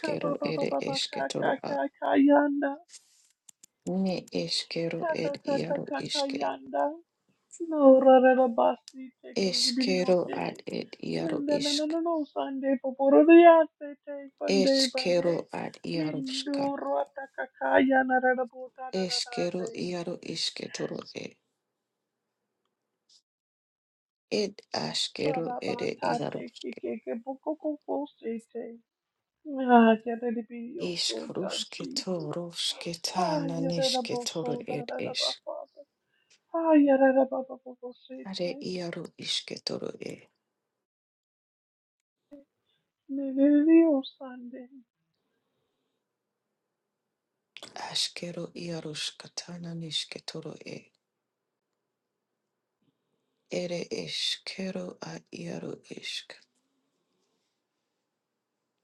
[SPEAKER 2] ka ba ba ba
[SPEAKER 1] ere
[SPEAKER 2] ba ba ka
[SPEAKER 1] eske
[SPEAKER 2] ka
[SPEAKER 1] toro a.
[SPEAKER 2] ka ka yanda,
[SPEAKER 1] Ne eskero
[SPEAKER 2] ka ka
[SPEAKER 1] et
[SPEAKER 2] ka ka
[SPEAKER 1] iaro
[SPEAKER 2] ka ka
[SPEAKER 1] iske.
[SPEAKER 2] yanda. No, rarara basti te
[SPEAKER 1] Eskero ad
[SPEAKER 2] videote.
[SPEAKER 1] et iaro
[SPEAKER 2] Minda na na
[SPEAKER 1] isk.
[SPEAKER 2] na no Sunday poporo riate te pande
[SPEAKER 1] Eskero
[SPEAKER 2] bande.
[SPEAKER 1] ad iaroska.
[SPEAKER 2] Mindo rota kakaya na rara bota na rara
[SPEAKER 1] Eskero
[SPEAKER 2] te.
[SPEAKER 1] iaro isketoro e. Ed askero
[SPEAKER 2] Rara
[SPEAKER 1] ere
[SPEAKER 2] bata te
[SPEAKER 1] iaro.
[SPEAKER 2] ke ke ke boko koko se te. Ah, yada di video so da
[SPEAKER 1] Iskruske
[SPEAKER 2] Jesus.
[SPEAKER 1] toro
[SPEAKER 2] Ah,
[SPEAKER 1] sketana
[SPEAKER 2] yada da bo
[SPEAKER 1] nisketoro
[SPEAKER 2] so da
[SPEAKER 1] ed
[SPEAKER 2] da da ba
[SPEAKER 1] es.
[SPEAKER 2] Father. Ah, yada da ba ba bo bo se
[SPEAKER 1] Are
[SPEAKER 2] te.
[SPEAKER 1] iaro isketoro e.
[SPEAKER 2] Ne video Sunday.
[SPEAKER 1] Askero iaro skatana nisketoro e. Ere eskero a iaro isk.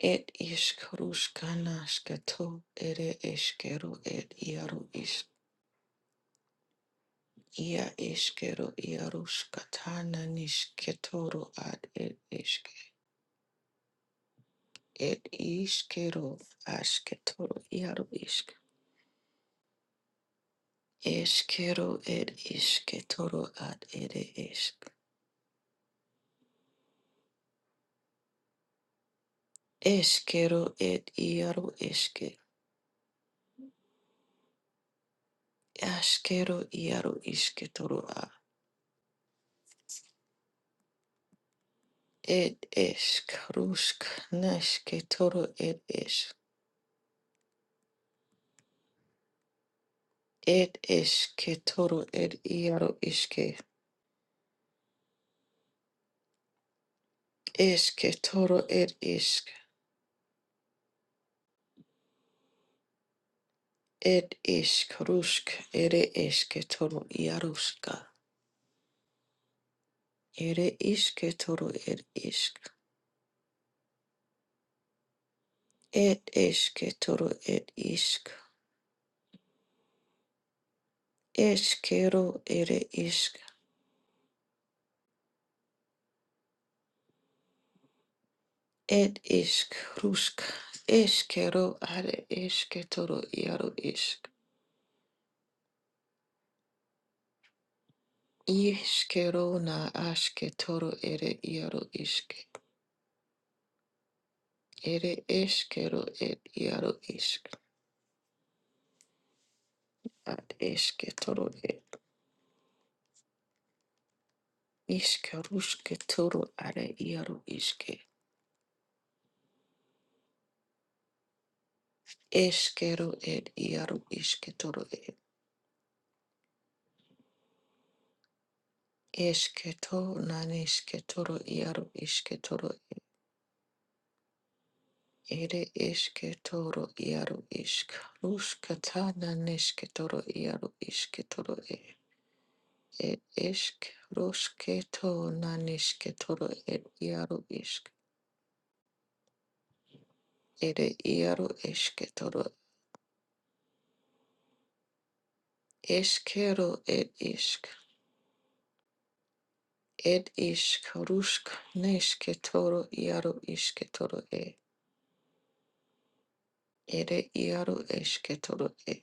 [SPEAKER 1] Ed iskruskana sketo ere eskero ed iaro isk. Ia eskero iaro skatana nisketoro ad ed isk. It ishkero ashketoro iaro ishk. Eskero et isketoro ad ere isk. Eskero et iaro eske. Askero iaro isketoro a. Et esk rusk nesketoro et es. Et esketoro et iaro iske. Esketoro et isk. Et isk rusk ere esketoro iaruska. Ere ishke toro ed ishk. Ed eshke toro ed ishk. Eshkero ere ishk. et ishk rushk. Eshkero are eshke toro iaro ishk. Ishkero na ashke toro ere iaro ishk. Ere eshkero et iaro ishk. Ad eshke toro ed. Ishke rushke toro are iaro ishke. Eshkero et iaro ishke toro ed. Eshketo naneshketoro iaro ishketoro ere eshketoro iaro ishk. Rushkata naneshketoro iaro ishketoro e. E eshk rushketo naneshketoro e iaro ishk. Ere iaro eshketoro eshkero e ishk. Ed ishk rushk neshketoro iaro ishketoro e. Ere iaro eshketoro e.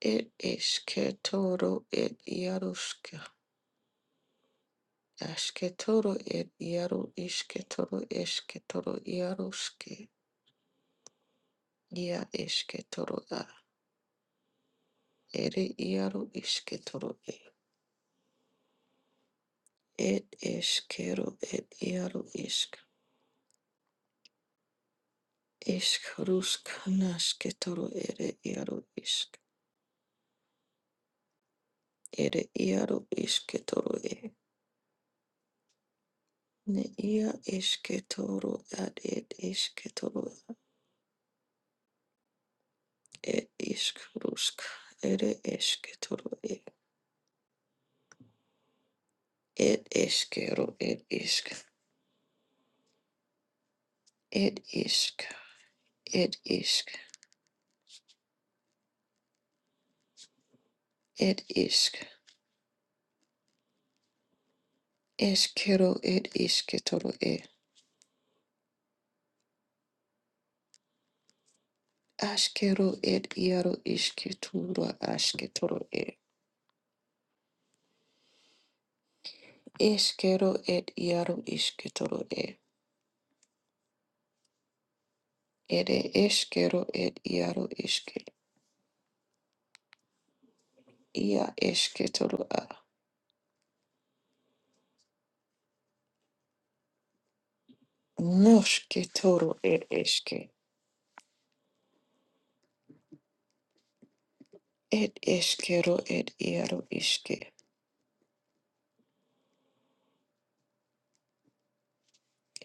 [SPEAKER 1] It ishketoro it yarushka. Ashketoro it yaru ishketoro ishketoro yarushke. Ya ishketoro a. Ere yaru ishketoro e. It ishkero it yaru ishk. Ishkarushk nashketoro ere yaru isk. Ere yaru ishketoro e. Ne ia ishketoro ad it isketoro It is Krusk. It is Ketoro. It is Kero. It is. It is. It is. It is. Eskero. It is Ketoro. Askero. It Yaro is Ketura. Eskero. It Yaro is Ketoro. Eskero. It Yaro is Ia Esketoro. Nosketoro. It Eske. It Eskero. It Yaro iske.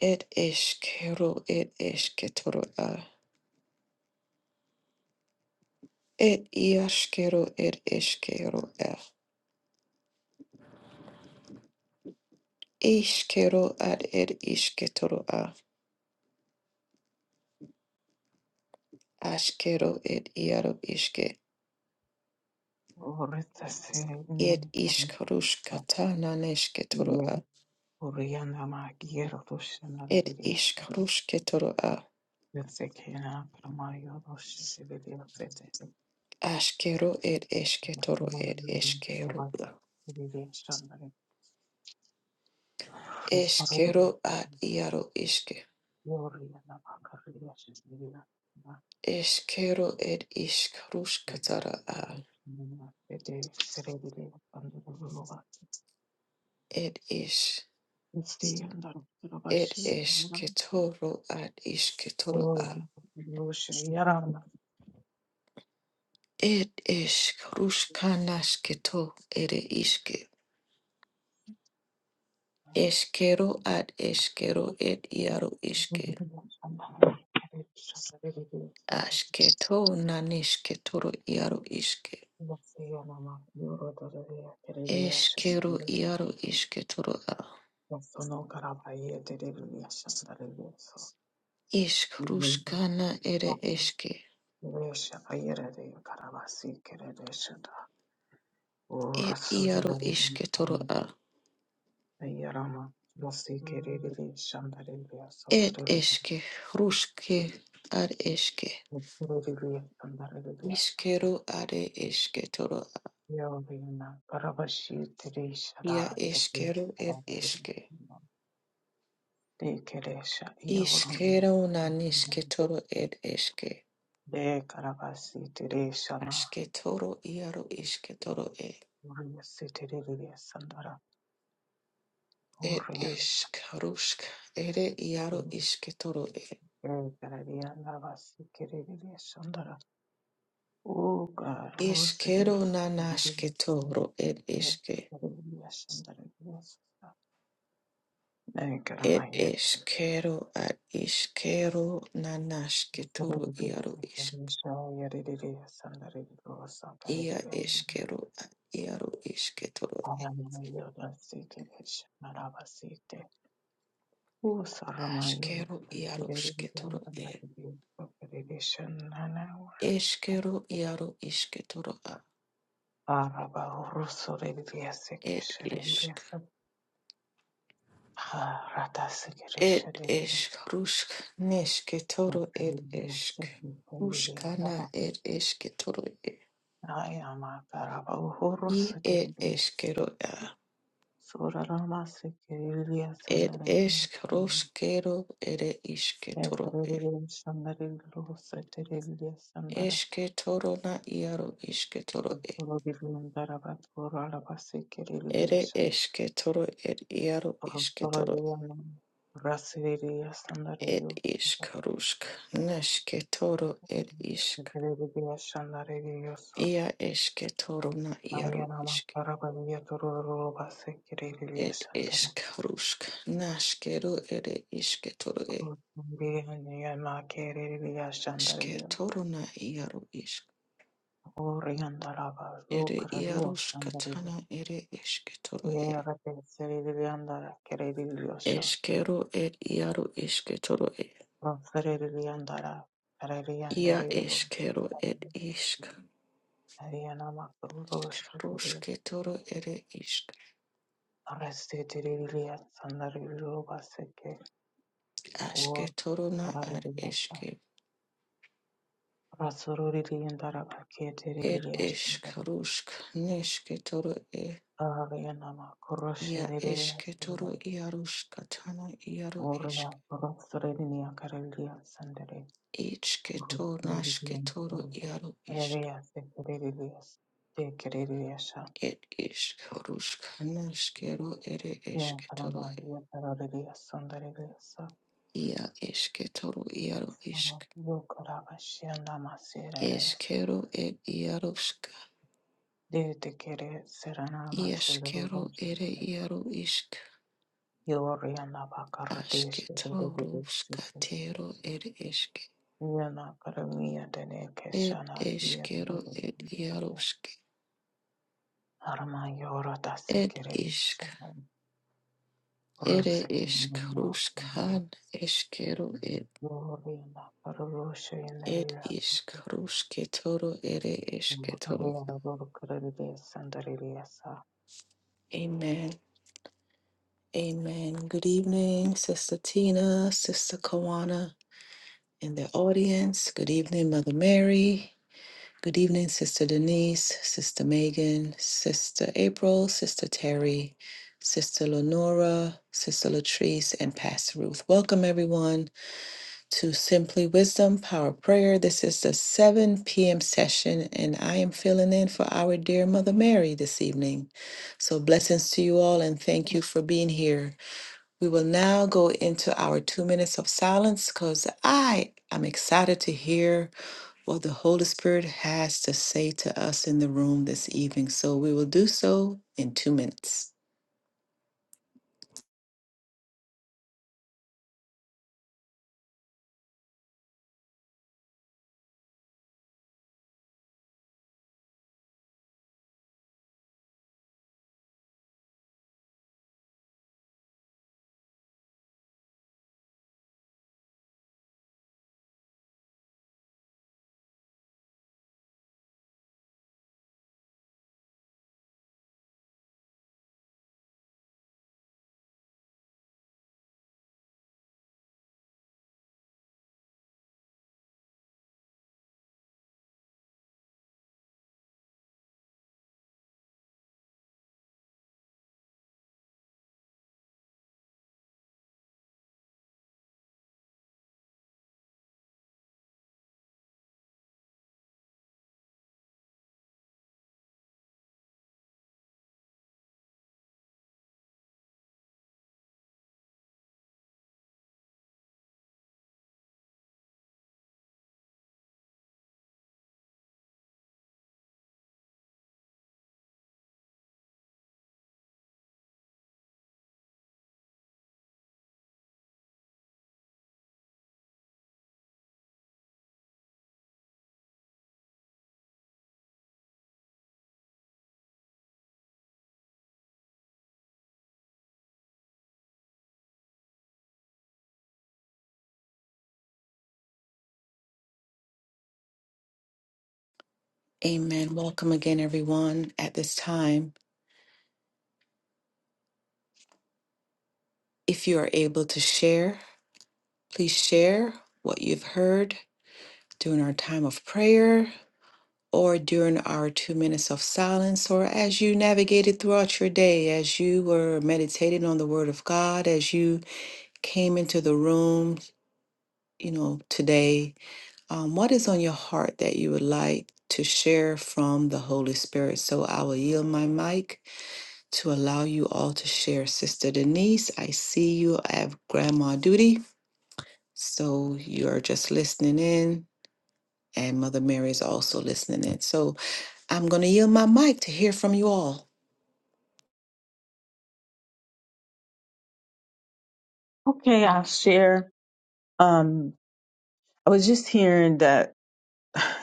[SPEAKER 1] Ed eskero, ed esketoro a. Ed iaskero, ed eskero a. Iskero ad ed isketoro a. Askero ed iaro iske.
[SPEAKER 3] Orita
[SPEAKER 1] Ed
[SPEAKER 3] selim
[SPEAKER 1] iskaruskatana nesketoro a.
[SPEAKER 3] Yem Oriana Magiero Doshana
[SPEAKER 1] Ed
[SPEAKER 3] Lilias
[SPEAKER 1] iskarusketoro a.
[SPEAKER 3] Yosekena Pramayo Doshana Sete
[SPEAKER 1] Askero ed esketoro ed
[SPEAKER 3] Oriana
[SPEAKER 1] eskero a. Eskero ad iaro iske.
[SPEAKER 3] Macaria Shana
[SPEAKER 1] Eskero ed iskaruskatara a.
[SPEAKER 3] Sete Serebilia Pandurova
[SPEAKER 1] Ed is.
[SPEAKER 3] Stay and
[SPEAKER 1] Ed
[SPEAKER 3] Rabashi
[SPEAKER 1] esketoro ad isketoro
[SPEAKER 3] Or
[SPEAKER 1] a.
[SPEAKER 3] Rosh Yarama
[SPEAKER 1] Ed esk ruskanasketo ere iske. Eskero ad eskero
[SPEAKER 3] Thank
[SPEAKER 1] ed iaro iske. Asketo nanisketoro iaro iske. Eskero iaro isketoro a. Isk ruskana ere
[SPEAKER 3] you.
[SPEAKER 1] eske. Ed iaro isketoro a. Ed eske ruske ad eske. Iskero ad esketoro
[SPEAKER 3] Yolina barabashitirishara
[SPEAKER 1] Ia eskero
[SPEAKER 3] sekirishara
[SPEAKER 1] ed eske.
[SPEAKER 3] dekeresha yorona de Keresha Yolana
[SPEAKER 1] Iskero naniske toro ed eske.
[SPEAKER 3] De karabasi karabasitirishana
[SPEAKER 1] Aske toro iaro iske toro e.
[SPEAKER 3] uriyasitiririyasandara
[SPEAKER 1] Ed
[SPEAKER 3] urian
[SPEAKER 1] eskarusk ere iaro iske toro e.
[SPEAKER 3] de Karadia lavasi karariyanda basikiririshandara uga rusiri
[SPEAKER 1] Iskero nanaske toro ed
[SPEAKER 3] de
[SPEAKER 1] eske.
[SPEAKER 3] Kerelia Sandara de yosara
[SPEAKER 1] Ed eskero ad iskero nanaske toro iaro isk. Ia eskero ad iaro iske toro. e. Askero iaro iske toro e. Eshkero iaro isketoro a ed isk. Ed esk rusk nesketoro ed esk. Ruskana ed esketoro e. I ed eskero a.
[SPEAKER 3] Sorarama sekereliya
[SPEAKER 1] Ed
[SPEAKER 3] sandara
[SPEAKER 1] esk ruskero ere isketoro e.
[SPEAKER 3] nekoreliyam sandarelo setereliya sandara
[SPEAKER 1] Esketoro na iaro isketoro e.
[SPEAKER 3] soroliyam darabat koralaba sekereliya
[SPEAKER 1] Ere
[SPEAKER 3] san
[SPEAKER 1] esketoro ed iaro isketoro.
[SPEAKER 3] soroliyam rasileliya
[SPEAKER 1] Ed
[SPEAKER 3] sandarelo
[SPEAKER 1] isk rusk nesketoro ed isk.
[SPEAKER 3] sekereliya sandarelo so
[SPEAKER 1] Ia eske toro na iaro
[SPEAKER 3] ayanama
[SPEAKER 1] iske
[SPEAKER 3] karabaliya torolaba sekereliya
[SPEAKER 1] et
[SPEAKER 3] sandara
[SPEAKER 1] eskarusk naskeru ere iske toro e
[SPEAKER 3] soroliyam kereliya
[SPEAKER 1] aske
[SPEAKER 3] sandarelo
[SPEAKER 1] toro na iaro isk
[SPEAKER 3] oriyandalaba
[SPEAKER 1] ere
[SPEAKER 3] soroliyam
[SPEAKER 1] iarus
[SPEAKER 3] sandarelo
[SPEAKER 1] katana ere eske toro e
[SPEAKER 3] Yara penseri di andare, kere di riosho.
[SPEAKER 1] eskero et iaro eske toro e
[SPEAKER 3] Rosere di andare, kere di
[SPEAKER 1] ia
[SPEAKER 3] andare di rosso.
[SPEAKER 1] eskero et isk
[SPEAKER 3] Ariana makru rosso di.
[SPEAKER 1] askaruske toro ere isk
[SPEAKER 3] Arresti di rilia, sandari di roba secche.
[SPEAKER 1] aske
[SPEAKER 3] Uor,
[SPEAKER 1] toro na
[SPEAKER 3] karari
[SPEAKER 1] ar
[SPEAKER 3] di rossa.
[SPEAKER 1] eske
[SPEAKER 3] Rasururi di andare, perché di
[SPEAKER 1] et
[SPEAKER 3] rilia,
[SPEAKER 1] eskarusk neske toro e.
[SPEAKER 3] Ariana makru rosso
[SPEAKER 1] Ya
[SPEAKER 3] di rilia,
[SPEAKER 1] eshketoro
[SPEAKER 3] sandari.
[SPEAKER 1] iarushkatana iaru eshk.
[SPEAKER 3] Uor, rosere di nia, kere
[SPEAKER 1] Ichketona shketoro iaru ishk. Et ishk horushkana shkero ere eshketoro. Ya eshketoro iaru ishk. Eshkero et iarushka. Iashkero ere iaru ishk. Ashketoro shkatero ere eshk. Et eshkero et iarushk.
[SPEAKER 3] Arama yoro da
[SPEAKER 1] Et
[SPEAKER 3] sekere
[SPEAKER 1] ishk
[SPEAKER 3] şanam.
[SPEAKER 1] Ere ish
[SPEAKER 3] Rıksek
[SPEAKER 1] krushkan eshkero ed
[SPEAKER 3] Glorinda Parulosha
[SPEAKER 1] ed
[SPEAKER 3] Yandariya
[SPEAKER 1] ish ketoro ere ish ketoro.
[SPEAKER 3] Sandaririya Sa.
[SPEAKER 1] Amen. Amen. Good evening, Sister Tina, Sister Kawana in the audience. Good evening, Mother Mary. Good evening, Sister Denise, Sister Megan, Sister April, Sister Terry, Sister Lenora, Sister Latrice, and Pastor Ruth. Welcome, everyone. to Simply Wisdom Power Prayer. This is the 7 p.m. session, and I am filling in for our dear Mother Mary this evening. So, blessings to you all, and thank you for being here. We will now go into our two minutes of silence because I am excited to hear what the Holy Spirit has to say to us in the room this evening. So, we will do so in two minutes. Amen. Welcome again, everyone, at this time. If you are able to share, Please share what you've heard during our time of prayer or during our two minutes of silence or as you navigated throughout your day, as you were meditating on the Word of God, as you came into the room, you know, today. Um, what is on your heart that you would like to share from the Holy Spirit? So I will yield my mic to allow you all to share. Sister Denise, I see you have grandma duty. So you're just listening in. And Mother Mary is also listening in. So I'm going to yield my mic to hear from you all.
[SPEAKER 3] Okay, I'll share. Um, I was just hearing that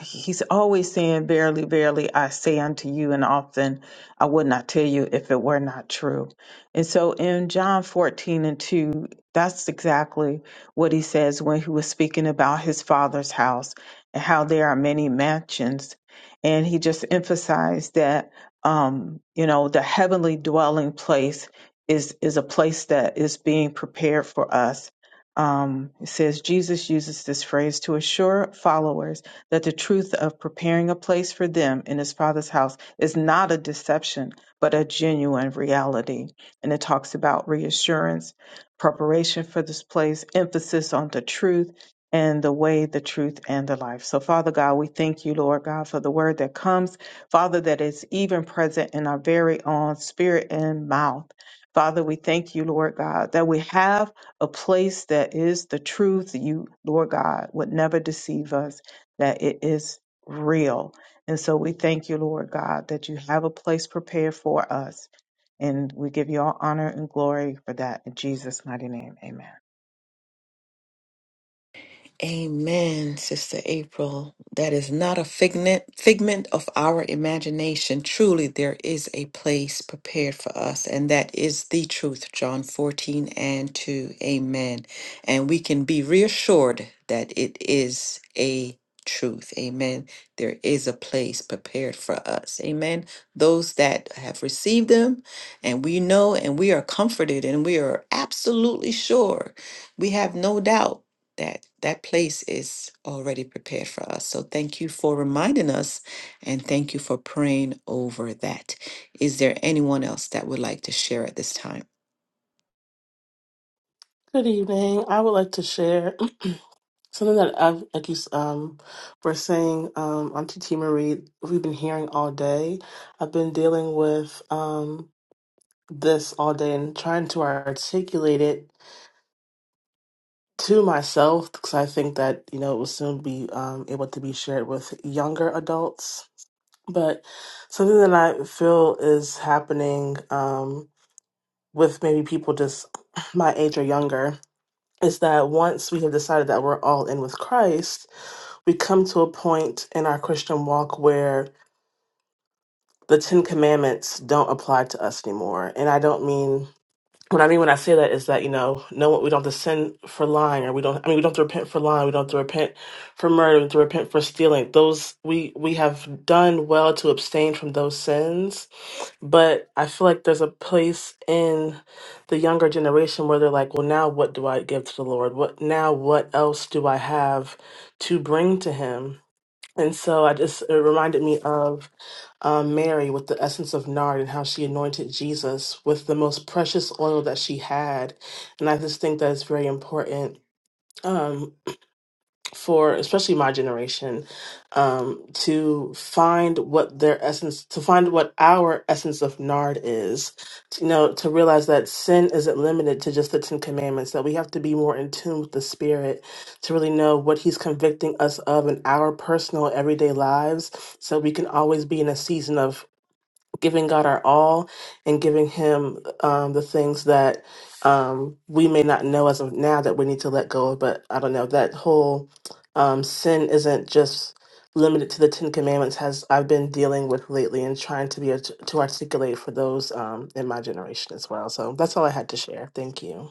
[SPEAKER 3] he's always saying, Verily, verily, I say unto you, and often I would not tell you if it were not true. And so in John 14 and 2, that's exactly what he says when he was speaking about his father's house and how there are many mansions. And he just emphasized that, um, you know, the heavenly dwelling place is, is a place that is being prepared for us. Um, it says Jesus uses this phrase to assure followers that the truth of preparing a place for them in his father's house is not a deception, but a genuine reality. And it talks about reassurance, preparation for this place, emphasis on the truth and the way, the truth, and the life. So, Father God, we thank you, Lord God, for the word that comes, Father, that is even present in our very own spirit and mouth. Father, we thank you, Lord God, that we have a place that is the truth. You, Lord God, would never deceive us that it is real. And so we thank you, Lord God, that you have a place prepared for us. And we give you all honor and glory for that. In Jesus' mighty name, amen.
[SPEAKER 1] Amen, Sister April. That is not a figment figment of our imagination. Truly, there is a place prepared for us, and that is the truth. John 14 and 2. Amen. And we can be reassured that it is a truth. Amen. There is a place prepared for us. Amen. Those that have received them, and we know and we are comforted and we are absolutely sure. We have no doubt that that place is already prepared for us. So thank you for reminding us and thank you for praying over that. Is there anyone else that would like to share at this time?
[SPEAKER 4] Good evening. I would like to share *clears throat* something that I, like you um, were saying, um, Auntie T. Marie, we've been hearing all day. I've been dealing with um, this all day and trying to articulate it to myself because I think that, you know, it will soon be um, able to be shared with younger adults. But something that I feel is happening um, with maybe people just *clears throat* my age or younger is that once we have decided that we're all in with Christ, we come to a point in our Christian walk where the Ten Commandments don't apply to us anymore. And I don't mean what I mean when I say that is that you know, no, we don't have to sin for lying, or we don't. I mean, we don't have to repent for lying. We don't have to repent for murder. We don't have to repent for stealing. Those we we have done well to abstain from those sins. But I feel like there's a place in the younger generation where they're like, well, now what do I give to the Lord? What now? What else do I have to bring to Him? And so I just it reminded me of um, Mary with the essence of nard and how she anointed Jesus with the most precious oil that she had, and I just think that's very important. Um, for especially my generation um, to find what their essence to find what our essence of nard is to, you know to realize that sin isn't limited to just the ten commandments that we have to be more in tune with the spirit to really know what he's convicting us of in our personal everyday lives so we can always be in a season of giving God our all and giving Him um, the things that um, we may not know as of now that we need to let go of. But I don't know that whole um, sin isn't just limited to the Ten Commandments. Has I've been dealing with lately and trying to be art- to articulate for those um, in my generation as well. So that's all I had to share. Thank you.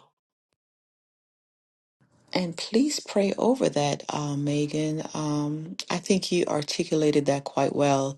[SPEAKER 1] And please pray over that, uh, Megan. Um, I think you articulated that quite well.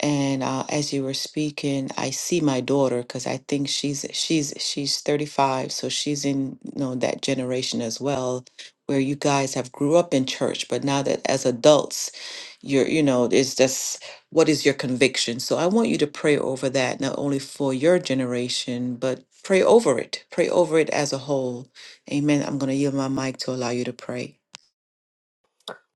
[SPEAKER 1] And uh, as you were speaking, I see my daughter because I think she's she's she's 35, so she's in you know that generation as well, where you guys have grew up in church, but now that as adults, you're you know it's just what is your conviction? So I want you to pray over that not only for your generation, but pray over it, pray over it as a whole. Amen. I'm going to yield my mic to allow you to pray.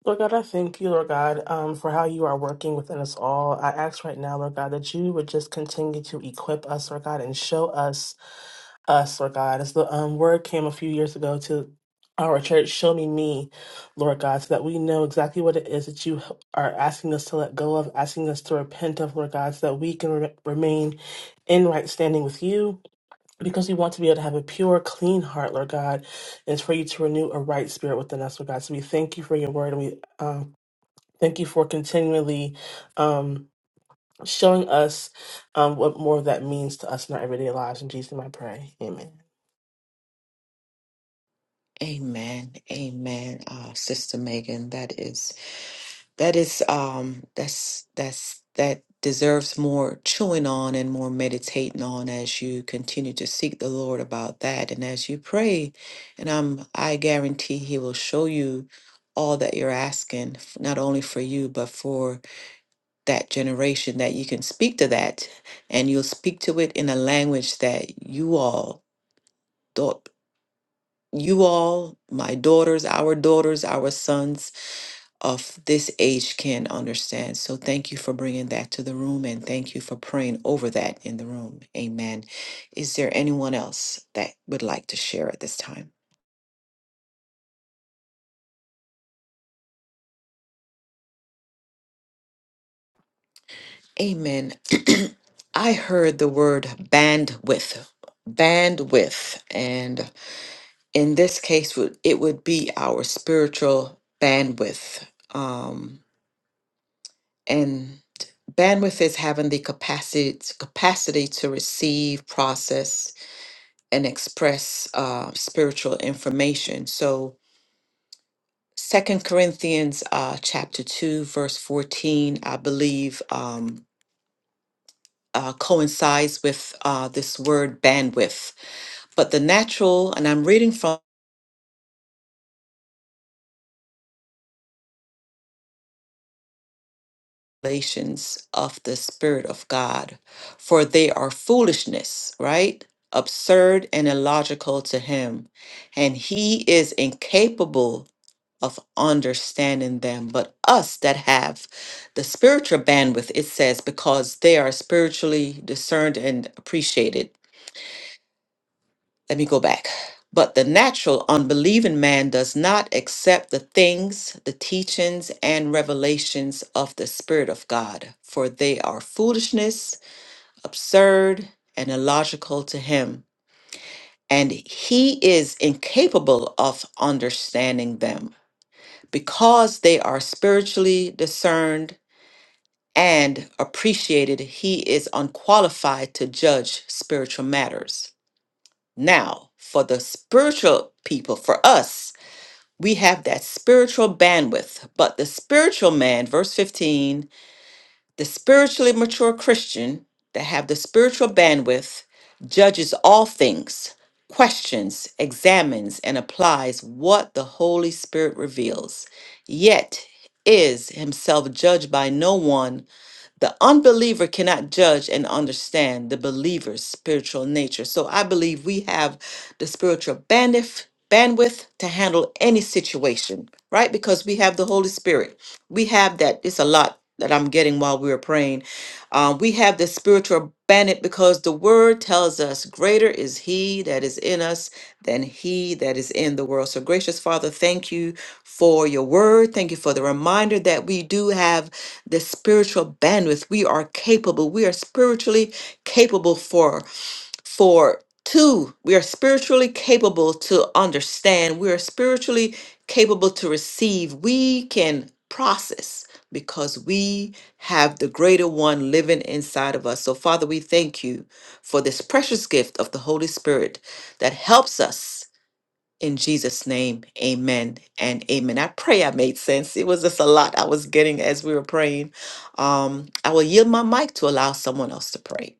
[SPEAKER 4] Lord God, I thank you, Lord God, um, for how you are working within us all. I ask right now, Lord God, that you would just continue to equip us, Lord God, and show us, us, Lord God. As the um, word came a few years ago to our church, show me me, Lord God, so that we know exactly what it is that you are asking us to let go of, asking us to repent of, Lord God, so that we can re- remain in right standing with you. Because we want to be able to have a pure, clean heart, Lord God, and for you to renew a right spirit within us, Lord God. So we thank you for your word, and we um, Thank you for continually um, showing us um, what more of that means to us in our everyday lives. In Jesus' name I pray. Amen.
[SPEAKER 1] Amen. Amen. Uh, Sister Megan, that is. That is um that's that's that deserves more chewing on and more meditating on as you continue to seek the Lord about that and as you pray. And I'm I guarantee he will show you all that you're asking, f- not only for you, but for that generation that you can speak to that and you'll speak to it in a language that you all thought you all, my daughters, our daughters, our sons of this age can understand. So thank you for bringing that to the room and thank you for praying over that in the room. Amen. Is there anyone else that would like to share at this time? Amen. *clears throat* I heard the word bandwidth, bandwidth, and in this case, would- it would be our spiritual bandwidth. Um, and bandwidth is having the capacity capacity to receive, process, and express uh, spiritual information. So, Second Corinthians uh, chapter two, verse fourteen, I believe, um, uh, coincides with uh, this word bandwidth. But the natural, and I'm reading from Revelations of the Spirit of God, for they are foolishness, right? Absurd and illogical to him, and he is incapable of understanding them. But us that have the spiritual bandwidth, it says, because they are spiritually discerned and appreciated. Let me go back. But the natural, unbelieving man does not accept the things, the teachings, and revelations of the Spirit of God, for they are foolishness, absurd, and illogical to him, and he is incapable of understanding them Because they are spiritually discerned and appreciated, he is unqualified to judge spiritual matters. Now, for the spiritual people, for us, we have that spiritual bandwidth, but the spiritual man, verse 15, the spiritually mature Christian that have the spiritual bandwidth judges all things, questions, examines, and applies what the Holy Spirit reveals, yet is himself judged by no one the unbeliever cannot judge and understand the believer's spiritual nature. So I believe we have the spiritual bandwidth bandwidth to handle any situation, right? Because we have the Holy Spirit. We have that. It's a lot that I'm getting while we were praying uh, we have the spiritual bandit because the word tells us greater is he that is in us than he that is in the world. So, gracious Father, thank you for your word. Thank you for the reminder that we do have the spiritual bandwidth. We are capable, we are spiritually capable for for two we are spiritually capable to understand we are spiritually capable to receive we can process because we have the greater one living inside of us so father we thank you for this precious gift of the holy spirit that helps us in jesus name amen and amen i pray i made sense it was just a lot i was getting as we were praying um i will yield my mic to allow someone else to pray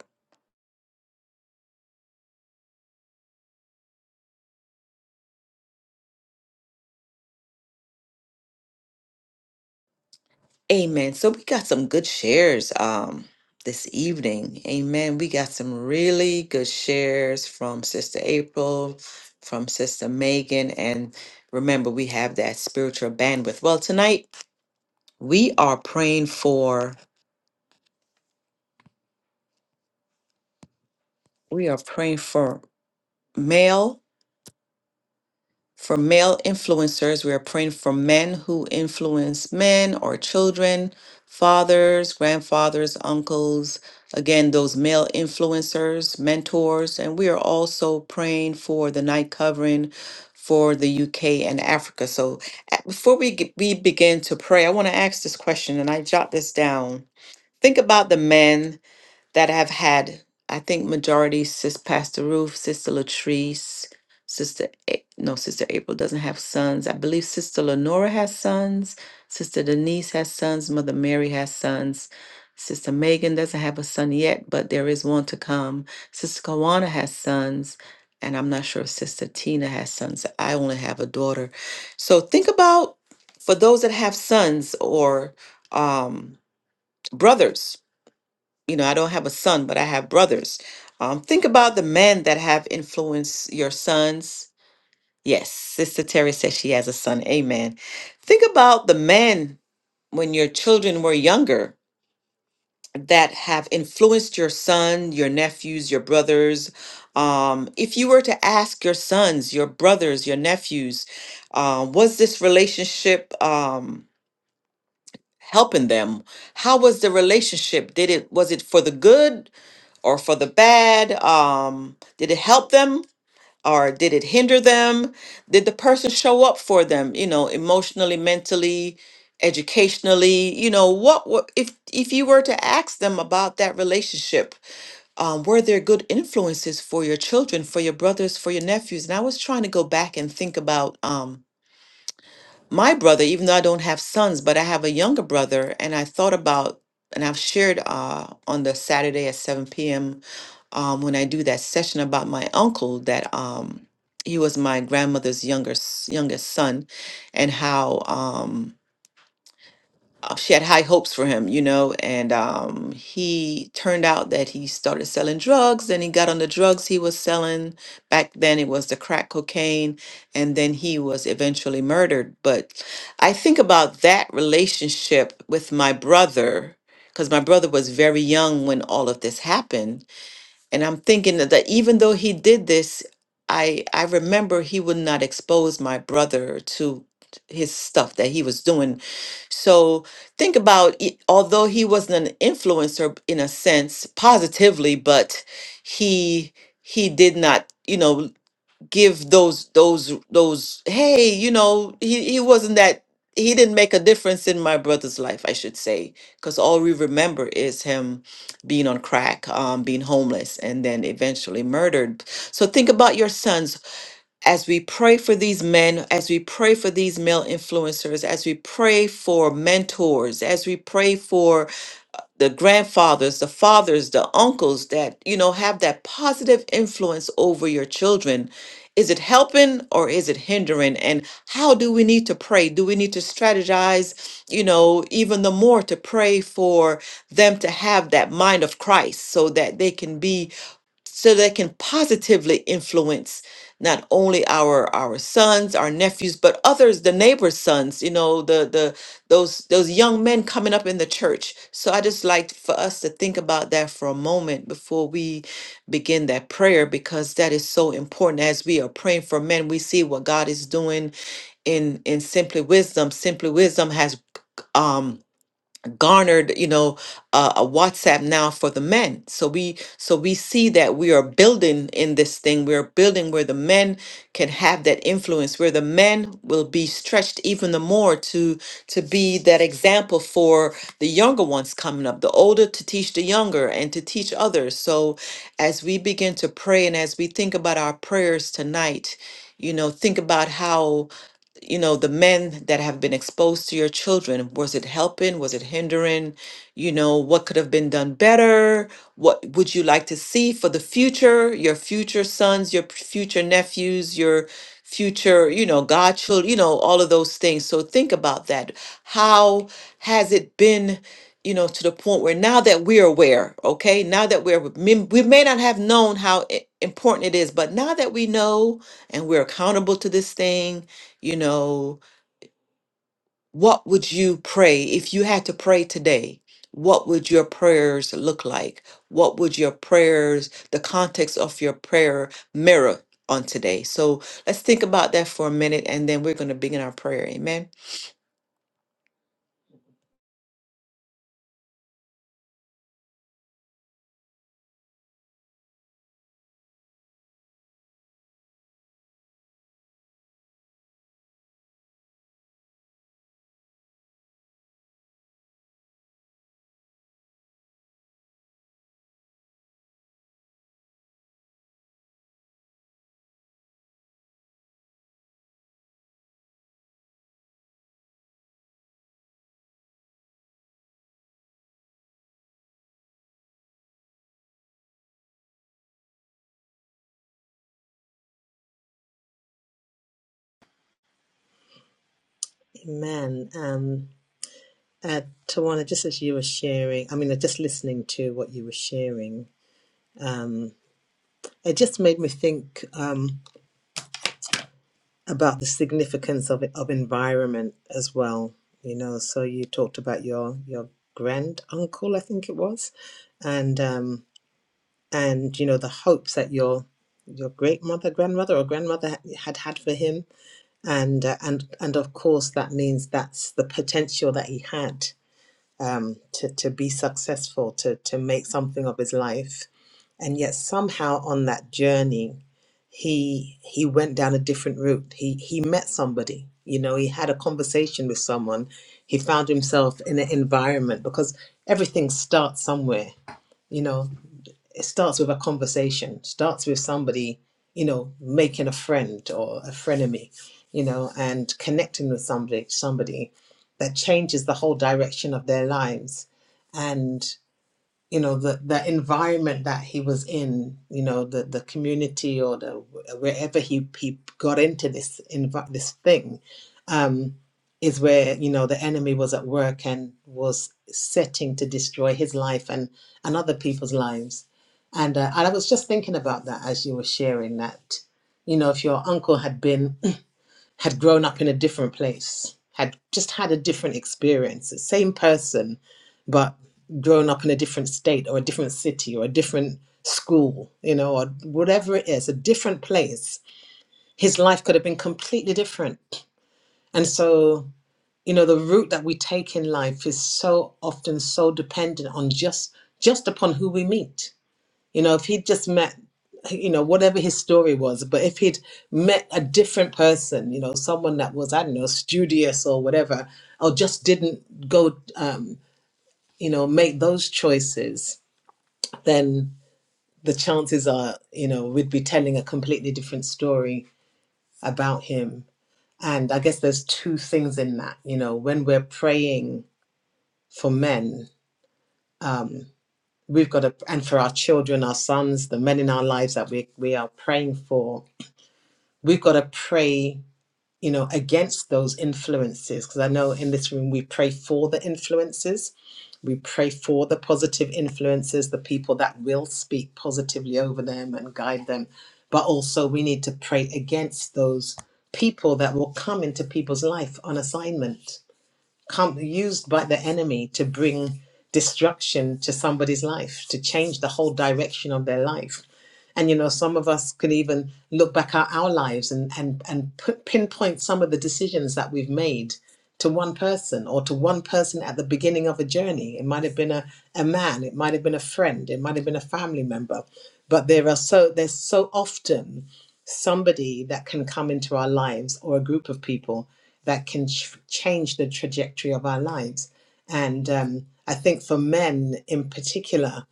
[SPEAKER 1] Amen. So we got some good shares um this evening. Amen. We got some really good shares from Sister April, from Sister Megan, and remember we have that spiritual bandwidth. Well, tonight we are praying for we are praying for male For male influencers, we are praying for men who influence men or children, fathers, grandfathers, uncles, again, those male influencers, mentors. And we are also praying for the night covering for the UK and Africa. So uh, before we, get, we begin to pray, I want to ask this question and I jot this down. Think about the men that have had, I think majority Sis Pastor Ruth, Sister Latrice, Sister A- no Sister April doesn't have sons. I believe Sister Lenora has sons. Sister Denise has sons. Mother Mary has sons. Sister Megan doesn't have a son yet, but there is one to come. Sister Kawana has sons. And I'm not sure if Sister Tina has sons. I only have a daughter. So think about for those that have sons or um, brothers you know, I don't have a son, but I have brothers. Um, think about the men that have influenced your sons. Yes, Sister Terry says she has a son. Amen. Think about the men when your children were younger that have influenced your son, your nephews, your brothers. Um, if you were to ask your sons, your brothers, your nephews, uh, was this relationship um, helping them? How was the relationship? Did it was it for the good? or for the bad? Um, did it help them or did it hinder them? Did the person show up for them, you know, emotionally, mentally, educationally? You know, what, what if if you were to ask them about that relationship, um, were there good influences for your children, for your brothers, for your nephews? And I was trying to go back and think about um my brother, even though I don't have sons, but I have a younger brother, and I thought about and I've shared uh, on the Saturday at 7 p.m um, when I do that session about my uncle that um, he was my grandmother's younger s- youngest son, and how um, uh, she had high hopes for him, you know, and um, he turned out that he started selling drugs. Then he got on the drugs he was selling back then. It was the crack cocaine, and then he was eventually murdered. But I think about that relationship with my brother because my brother was very young when all of this happened and I'm thinking that that even though he did this, I I remember he would not expose my brother to his stuff that he was doing. So think about it, although he wasn't an influencer in a sense positively, but he he did not, you know, give those those those hey you know he, he wasn't that he didn't make a difference in my brother's life i should say because all we remember is him being on crack um, being homeless and then eventually murdered so think about your sons as we pray for these men as we pray for these male influencers as we pray for mentors as we pray for the grandfathers, the fathers, the uncles that, you know, have that positive influence over your children. Is it helping or is it hindering? And how do we need to pray? Do we need to strategize, you know, even the more to pray for them to have that mind of Christ so that they can be so they can positively influence not only our our sons, our nephews, but others, the neighbors' sons, you know, the the those those young men coming up in the church. So I just like for us to think about that for a moment before we begin that prayer because that is so important. As we are praying for men, we see what God is doing in in simply wisdom. Simply wisdom has um garnered you know uh, a whatsapp now for the men so we so we see that we are building in this thing we are building where the men can have that influence where the men will be stretched even the more to to be that example for the younger ones coming up the older to teach the younger and to teach others so as we begin to pray and as we think about our prayers tonight you know think about how you know the men that have been exposed to your children was it helping was it hindering you know what could have been done better what would you like to see for the future your future sons your p- future nephews your future you know godchildren you know all of those things so think about that how has it been you know to the point where now that we're aware okay now that we're mem- we may not have known how i- important it is but now that we know and we're accountable to this thing you know, what would you pray if you had to pray today? What would your prayers look like? What would your prayers, the context of your prayer mirror on today? So let's think about that for a minute and then we're going to begin our prayer. Amen.
[SPEAKER 5] Amen. um, uh, Tawana, just as you were sharing, I mean, uh, just listening to what you were sharing, um, it just made me think um, about the significance of of environment as well. You know, so you talked about your your grand uncle, I think it was, and um, and you know the hopes that your your great mother, grandmother, or grandmother ha- had had for him, and uh, and and of course that means that's the potential that he had um, to, to be successful, to, to make something of his life. And yet somehow on that journey, he he went down a different route. He he met somebody, you know, he had a conversation with someone. He found himself in an environment because everything starts somewhere, you know it starts with a conversation starts with somebody you know making a friend or a frenemy you know and connecting with somebody somebody that changes the whole direction of their lives and you know the the environment that he was in you know the the community or the wherever he he got into this envi- this thing um, is where you know the enemy was at work and was setting to destroy his life and and other people's lives and, uh, and i was just thinking about that as you were sharing that you know if your uncle had been *clears throat* had grown up in a different place had just had a different experience the same person but grown up in a different state or a different city or a different school you know or whatever it is a different place his life could have been completely different and so you know the route that we take in life is so often so dependent on just just upon who we meet you know if he'd just met you know whatever his story was but if he'd met a different person you know someone that was i don't know studious or whatever or just didn't go um you know make those choices then the chances are you know we'd be telling a completely different story about him and i guess there's two things in that you know when we're praying for men we've got to and for our children our sons the men in our lives that we, we are praying for we've got to pray you know against those influences because i know in this room we pray for the influences we pray for the positive influences the people that will speak positively over them and guide them but also we need to pray against those people that will come into people's life on assignment come used by the enemy to bring destruction to somebody's life to change the whole direction of their life and you know, some of us could even look back at our lives and and and put, pinpoint some of the decisions that we've made to one person or to one person at the beginning of a journey. It might have been a, a man, it might have been a friend, it might have been a family member. But there are so there's so often somebody that can come into our lives or a group of people that can ch- change the trajectory of our lives. And um, I think for men in particular,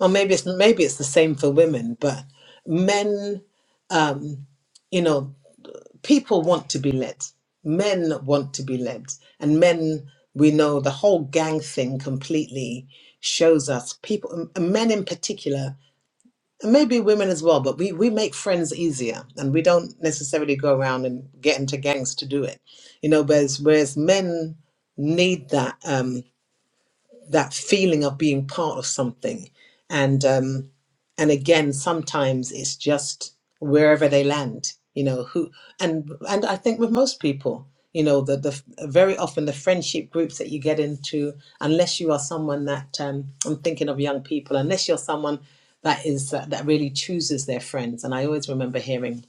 [SPEAKER 5] or maybe it's maybe it's the same for women, but men, you know, people want to be led. Men want to be led, and men, we know the whole gang thing completely shows us people, and men in particular, and maybe women as well. But we we make friends easier, and we don't necessarily go around and get into gangs to do it, you know. Whereas whereas men need that um, that feeling of being part of something, and um, and again sometimes it's just wherever they land you know who and and i think with most people you know the, the very often the friendship groups that you get into unless you are someone that um, i'm thinking of young people unless you're someone that is uh, that really chooses their friends and i always remember hearing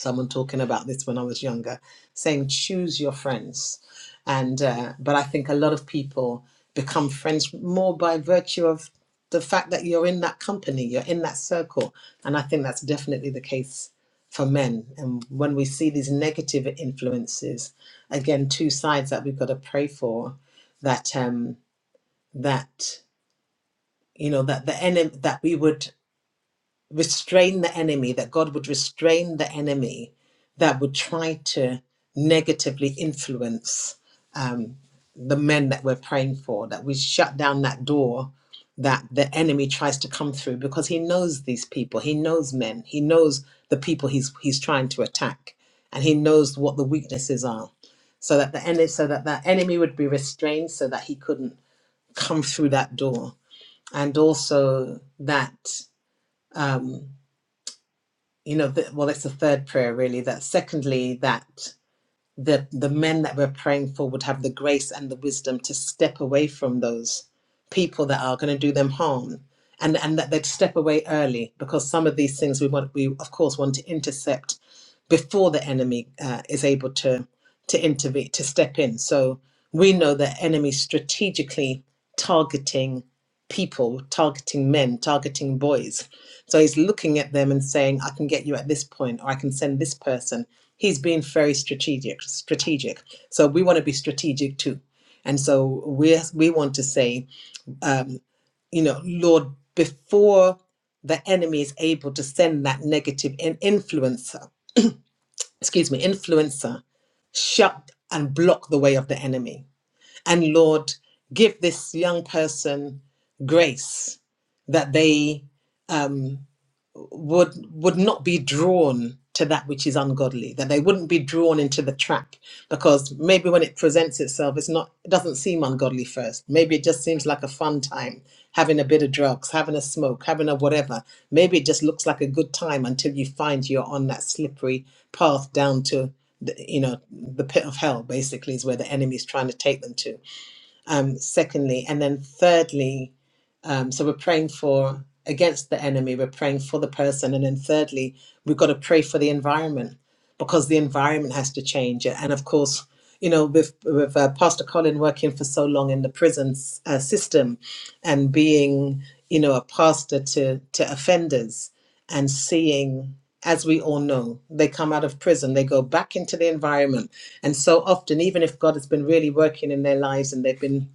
[SPEAKER 5] someone talking about this when I was younger, saying choose your friends. And uh, but I think a lot of people become friends more by virtue of the fact that you're in that company, you're in that circle, and I think that's definitely the case for men. And when we see these negative influences, again, two sides that we've got to pray for, that um, that you know that the enemy that we would restrain the enemy, that God would restrain the enemy that would try to negatively influence um, the men that we're praying for, that we shut down that door that the enemy tries to come through because he knows these people, he knows men, he knows the people he's he's trying to attack, and he knows what the weaknesses are. So that the enemy so that the enemy would be restrained so that he couldn't come through that door. And also that um, you know that well it's the third prayer really that secondly that the the men that we're praying for would have the grace and the wisdom to step away from those people that are going to do them harm and and that they'd step away early because some of these things we want we of course want to intercept before the enemy uh, is able to to intervene to step in so we know that enemy strategically targeting people targeting men targeting boys so he's looking at them and saying i can get you at this point or i can send this person he's being very strategic strategic so we want to be strategic too and so we we want to say um, you know lord before the enemy is able to send that negative in- influencer excuse me, influencer shut and block the way of the enemy. And Lord, give this young person grace that they um, would would not be drawn to that which is ungodly that they wouldn't be drawn into the trap because maybe when it presents itself it's not it doesn't seem ungodly first maybe it just seems like a fun time having a bit of drugs having a smoke having a whatever maybe it just looks like a good time until you find you're on that slippery path down to the, you know the pit of hell basically is where the enemy's trying to take them to um, secondly. And then thirdly, um, so we're praying for against the enemy, we're praying for the person. And then thirdly, we've got to pray for the environment because the environment has to change. And of course, you know, with, with uh, Pastor Colin working for so long in the prison uh, system and being, you know, a pastor to, to offenders and seeing, as we all know, they come out of prison, they go back into the environment and so often, even if God has been really working in their lives and they've been,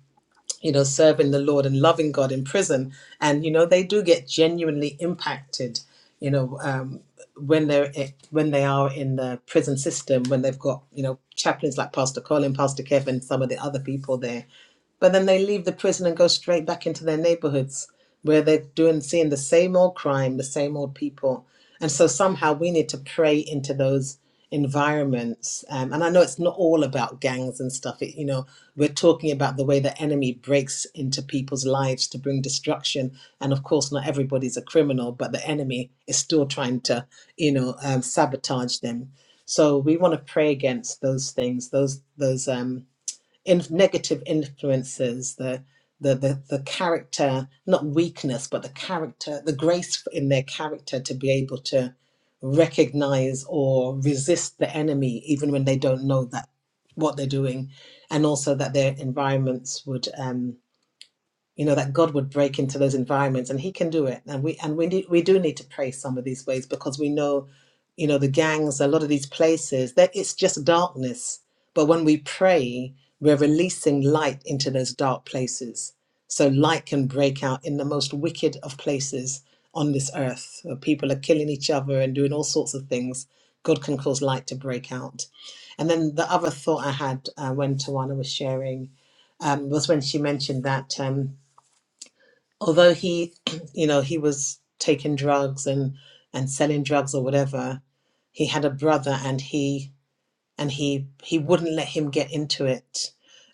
[SPEAKER 5] you know, serving the Lord and loving God in prison, and you know, they do get genuinely impacted, you know, um, when they're when they are in the prison system, when they've got you know chaplains like Pastor Colin, Pastor Kevin, some of the other people there but then they leave the prison and go straight back into their neighborhoods where they're doing, seeing the same old crime, the same old people. And so somehow we need to pray into those environments. Um, and I know it's not all about gangs and stuff. It, you know, we're talking about the way the enemy breaks into people's lives to bring destruction. And of course, not everybody's a criminal, but the enemy is still trying to, you know, um, sabotage them. So we want to pray against those things, those those um, in negative influences, the the, the the character, not weakness, but the character, the grace in their character to be able to recognize or resist the enemy, even when they don't know that what they're doing, and also that their environments would. um, you know that god would break into those environments and he can do it and we and we need, we do need to pray some of these ways because we know you know the gangs a lot of these places that it's just darkness but when we pray we're releasing light into those dark places so light can break out in the most wicked of places on this earth where people are killing each other and doing all sorts of things god can cause light to break out and then the other thought i had uh, when tawana was sharing um, was when she mentioned that Um, although he *clears throat* you know he was taking drugs and and selling drugs or whatever he had a brother and he and he he wouldn't let him get into it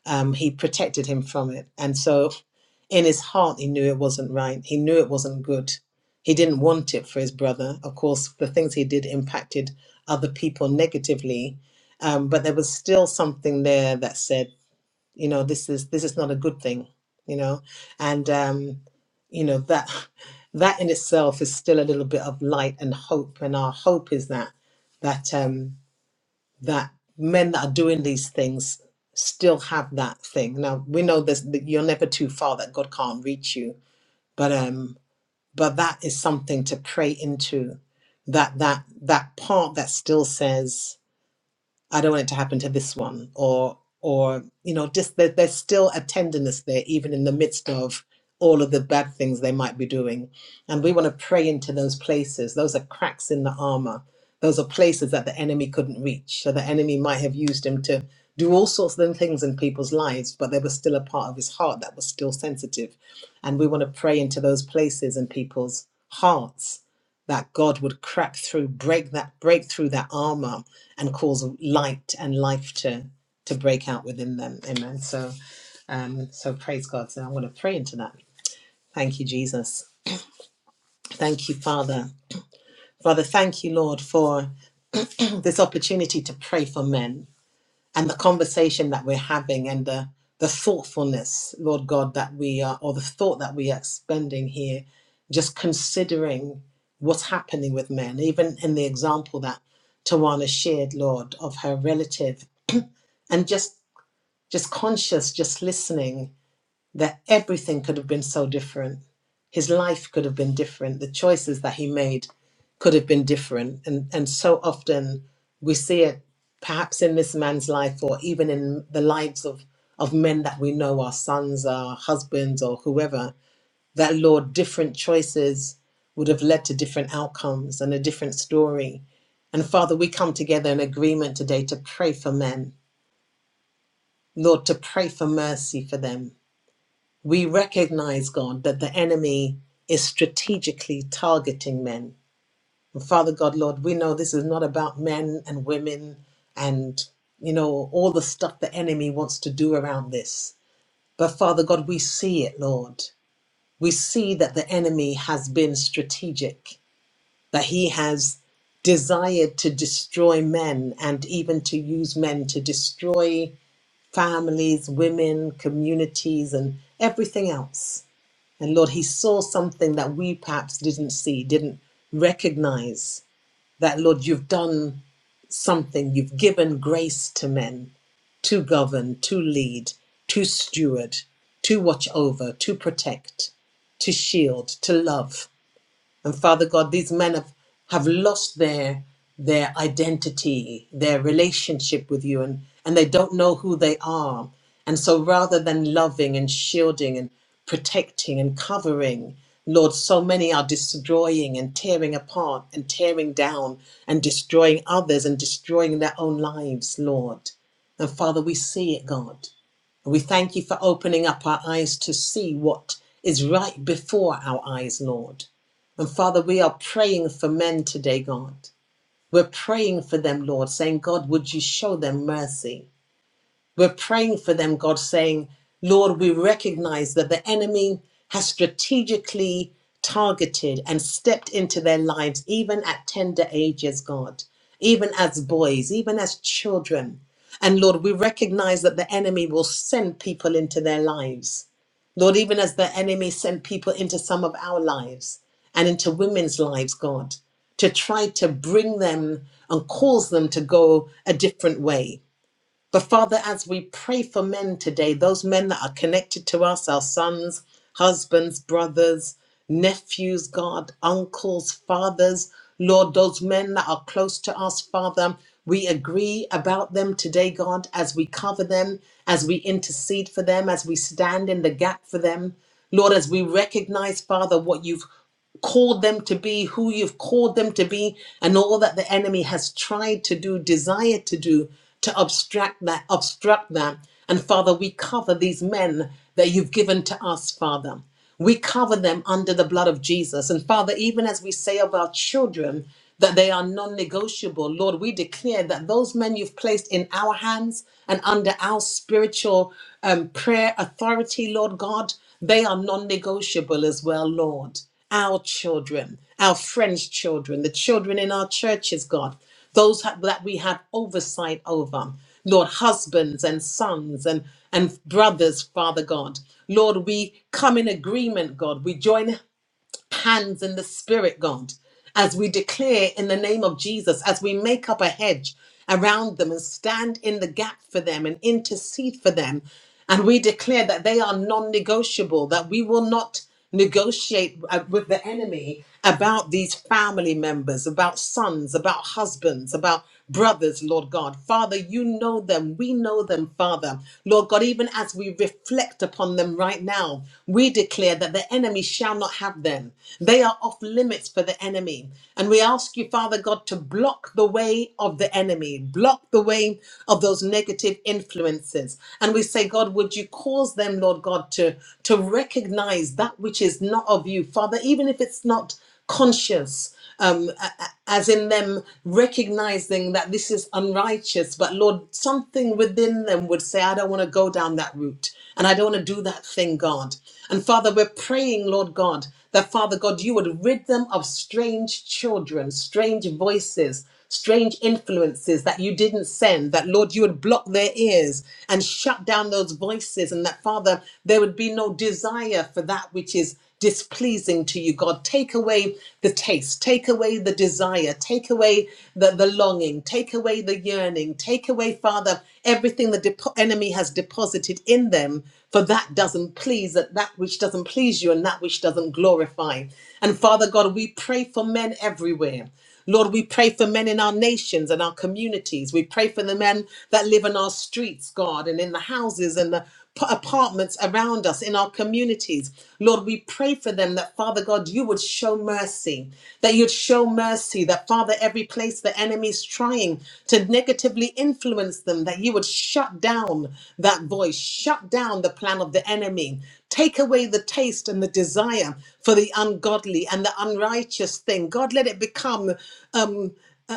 [SPEAKER 5] um he protected him from it and so in his heart he knew it wasn't right he knew it wasn't good he didn't want it for his brother of course the things he did impacted other people negatively um, but there was still something there that said you know this is this is not a good thing you know and um you know that *laughs* that in itself is still a little bit of light and hope and our hope is that that um that men that are doing these things still have that thing now we know this that you're never too far that god can't reach you but um but that is something to pray into that that that part that still says I don't want it to happen to this one, or or you know, just there, there's still a tenderness there, even in the midst of all of the bad things they might be doing, and we want to pray into those places. Those are cracks in the armor. Those are places that the enemy couldn't reach. So the enemy might have used him to do all sorts of things in people's lives, but there was still a part of his heart that was still sensitive, and we want to pray into those places in people's hearts that God would crack through, break that, break through that armor and cause light and life to to break out within them. Amen. So um so praise God. So I'm going to pray into that. Thank you, Jesus. Thank you, Father. Father, thank you, Lord, for this opportunity to pray for men and the conversation that we're having and the the thoughtfulness, Lord God, that we are or the thought that we are expending here, just considering what's happening with men, even in the example that Tawana shared, Lord, of her relative and just just conscious, just listening, that everything could have been so different. His life could have been different. The choices that he made could have been different. And, and so often we see it perhaps in this man's life or even in the lives of, of men that we know, our sons, our husbands, or whoever, that Lord, different choices would have led to different outcomes and a different story. And Father, we come together in agreement today to pray for men, Lord, to pray for mercy for them we recognize, God, that the enemy is strategically targeting men. And Father God, Lord, we know this is not about men and women and, you know, all the stuff the enemy wants to do around this. But Father God, we see it, Lord. We see that the enemy has been strategic, that he has desired to destroy men and even to use men to destroy families, women, communities, and everything else. And Lord, he saw something that we perhaps didn't see, didn't recognize that, Lord, you've done something. You've given grace to men to govern, to lead, to steward, to watch over, to protect, to shield, to love. And Father God, these men have, have lost their their identity, their relationship with you, and, and they don't know who they are. And so rather than loving and shielding and protecting and covering, Lord, so many are destroying and tearing apart and tearing down and destroying others and destroying their own lives, Lord. And Father, we see it, God. And we thank you for opening up our eyes to see what is right before our eyes, Lord. And Father, we are praying for men today, God. We're praying for them, Lord, saying, God, would you show them mercy? We're praying for them, God, saying, Lord, we recognize that the enemy has strategically targeted and stepped into their lives, even at tender ages, God, even as boys, even as children. And Lord, we recognize that the enemy will send people into their lives. Lord, even as the enemy sent people into some of our lives and into women's lives, God, to try to bring them and cause them to go a different way. But Father, as we pray for men today, those men that are connected to us, our sons, husbands, brothers, nephews, God, uncles, fathers, Lord, those men that are close to us, Father, we agree about them today, God, as we cover them, as we intercede for them, as we stand in the gap for them. Lord, as we recognize, Father, what you've called them to be, who you've called them to be, and all that the enemy has tried to do, desired to do, to obstruct that, obstruct that. And Father, we cover these men that you've given to us, Father. We cover them under the blood of Jesus. And Father, even as we say of our children that they are non negotiable, Lord, we declare that those men you've placed in our hands and under our spiritual um, prayer authority, Lord God, they are non negotiable as well, Lord our children, our friends' children, the children in our churches, God, those ha- that we have oversight over. Lord, husbands and sons and, and brothers, Father God. Lord, we come in agreement, God. We join hands in the spirit, God, as we declare in the name of Jesus, as we make up a hedge around them and stand in the gap for them and intercede for them. And we declare that they are non negotiable, that we will not negotiate uh, with the enemy about these family members, about sons, about husbands, about brothers, Lord God. Father, you know them. We know them, Father. Lord God, even as we reflect upon them right now, we declare that the enemy shall not have them. They are off limits for the enemy. And we ask you, Father God, to block the way of the enemy, block the way of those negative influences. And we say, God, would you cause them, Lord God, to, to recognize that which is not of you, Father, even if it's not conscious um, as in them recognizing that this is unrighteous. But Lord, something within them would say, I don't want to go down that route and I don't want to do that thing, God. And Father, we're praying, Lord God, that Father God, you would rid them of strange children, strange voices. Strange influences that you didn't send, that Lord, you would block their ears and shut down those voices, and that Father, there would be no desire for that which is displeasing to you, God. Take away the taste, take away the desire, take away the, the longing, take away the yearning, take away, Father, everything the depo- enemy has deposited in them, for that doesn't please, that, that which doesn't please you and that which doesn't glorify. And Father God, we pray for men everywhere. Lord, we pray for men in our nations and our communities. We pray for the men that live in our streets, God, and in the houses and the p- apartments around us in our communities. Lord, we pray for them that, Father God, you would show mercy, that you'd show mercy, that, Father, every place the enemy's trying to negatively influence them, that you would shut down that voice, shut down the plan of the enemy. Take away the taste and the desire for the ungodly and the unrighteous thing. God, let it become um,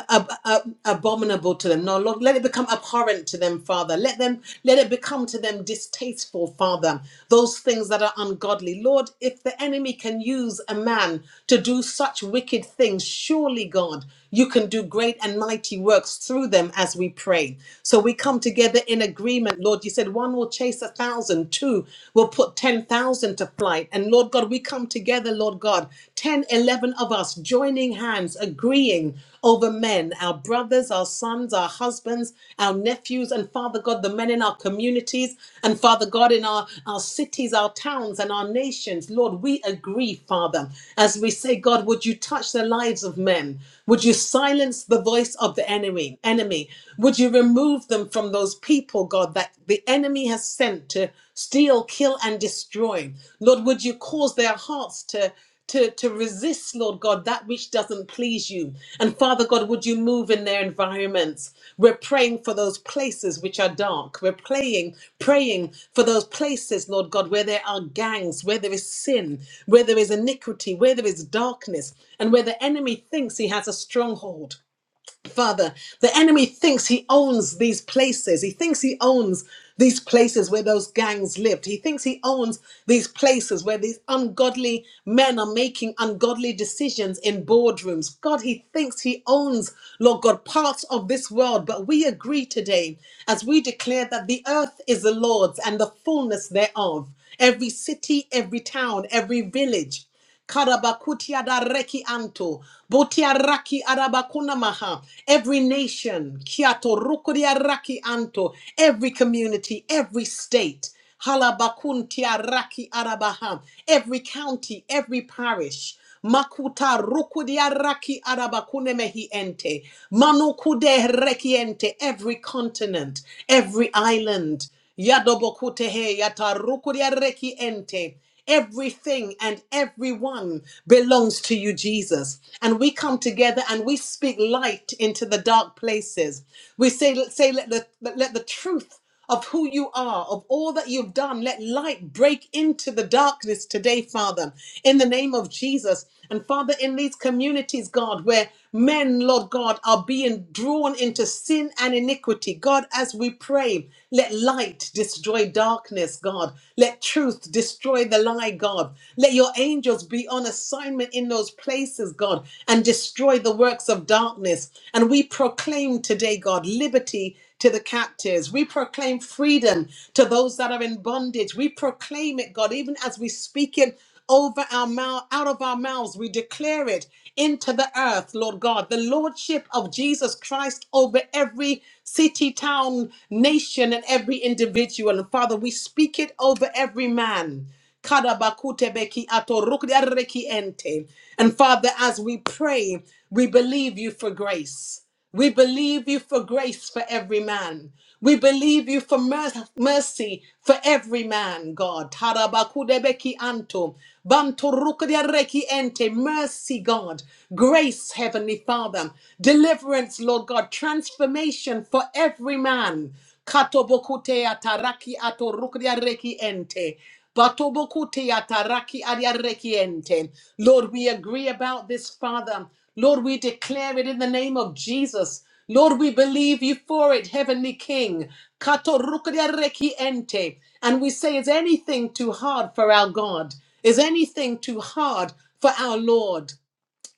[SPEAKER 5] ab- ab- abominable to them. No, Lord, let it become abhorrent to them, Father. Let them, let it become to them distasteful, Father. Those things that are ungodly, Lord. If the enemy can use a man to do such wicked things, surely, God, you can do great and mighty works through them as we pray. So we come together in agreement, Lord. You said one will chase a thousand, two will put ten thousand to flight, and Lord God, we come come together, Lord God, 10, 11 of us joining hands, agreeing over men, our brothers, our sons, our husbands, our nephews, and Father God, the men in our communities, and Father God, in our, our cities, our towns, and our nations. Lord, we agree, Father, as we say, God, would you touch the lives of men? Would you silence the voice of the enemy? Enemy, would you remove them from those people, God, that the enemy has sent to steal, kill, and destroy. Lord, would you cause their hearts to to, to resist, Lord God, that which doesn't please you. And Father God, would you move in their environments? We're praying for those places which are dark. We're praying, praying for those places, Lord God, where there are gangs, where there is sin, where there is iniquity, where there is darkness, and where the enemy thinks he has a stronghold. Father, the enemy thinks he owns these places. He thinks he owns these places where those gangs lived. He thinks he owns these places where these ungodly men are making ungodly decisions in boardrooms. God, he thinks he owns, Lord God, parts of this world. But we agree today as we declare that the earth is the Lord's and the fullness thereof, every city, every town, every village. Karabakuti adareki anto. Botia raki arabakuna maha. Every nation. Kiato rukuria raki anto. Every community. Every state. Halabakuntia raki arabaha. Every county. Every parish. Makuta rukudia raki arabakune mehi ente. Manukude rekiente. Every continent, every island. Yadobokutehe yata rukudia reki ente. Everything and everyone belongs to you, Jesus. And we come together and we speak light into the dark places. We say, say let, the, let the truth of who you are, of all that you've done. Let light break into the darkness today, Father, in the name of Jesus. And Father, in these communities, God, where men, Lord God, are being drawn into sin and iniquity, God, as we pray, let light destroy darkness, God. Let truth destroy the lie, God. Let your angels be on assignment in those places, God, and destroy the works of darkness. And we proclaim today, God, liberty to the captives. We proclaim freedom to those that are in bondage. We proclaim it, God, even as we speak it over our mouth, out of our mouths, we declare it into the earth, Lord God, the Lordship of Jesus Christ over every city, town, nation, and every individual. And Father, we speak it over every man. Kadabakutebeki atorukdiareki ente. And Father, as we pray, we believe you for grace. We believe you for grace for every man. We believe you for mer- mercy for every man, God. Tarabakudebeki anto. Banturukdiareki ente. Mercy, God. Grace, Heavenly Father. Deliverance, Lord God. Transformation for every man. Katobokute ataraki atorukria reki ente. Batobokute ataraki aria reki ente. Lord, we agree about this, Father. Lord, we declare it in the name of Jesus. Lord, we believe you for it, Heavenly King. Katorukria reki ente. And we say, is anything too hard for our God? Is anything too hard for our Lord?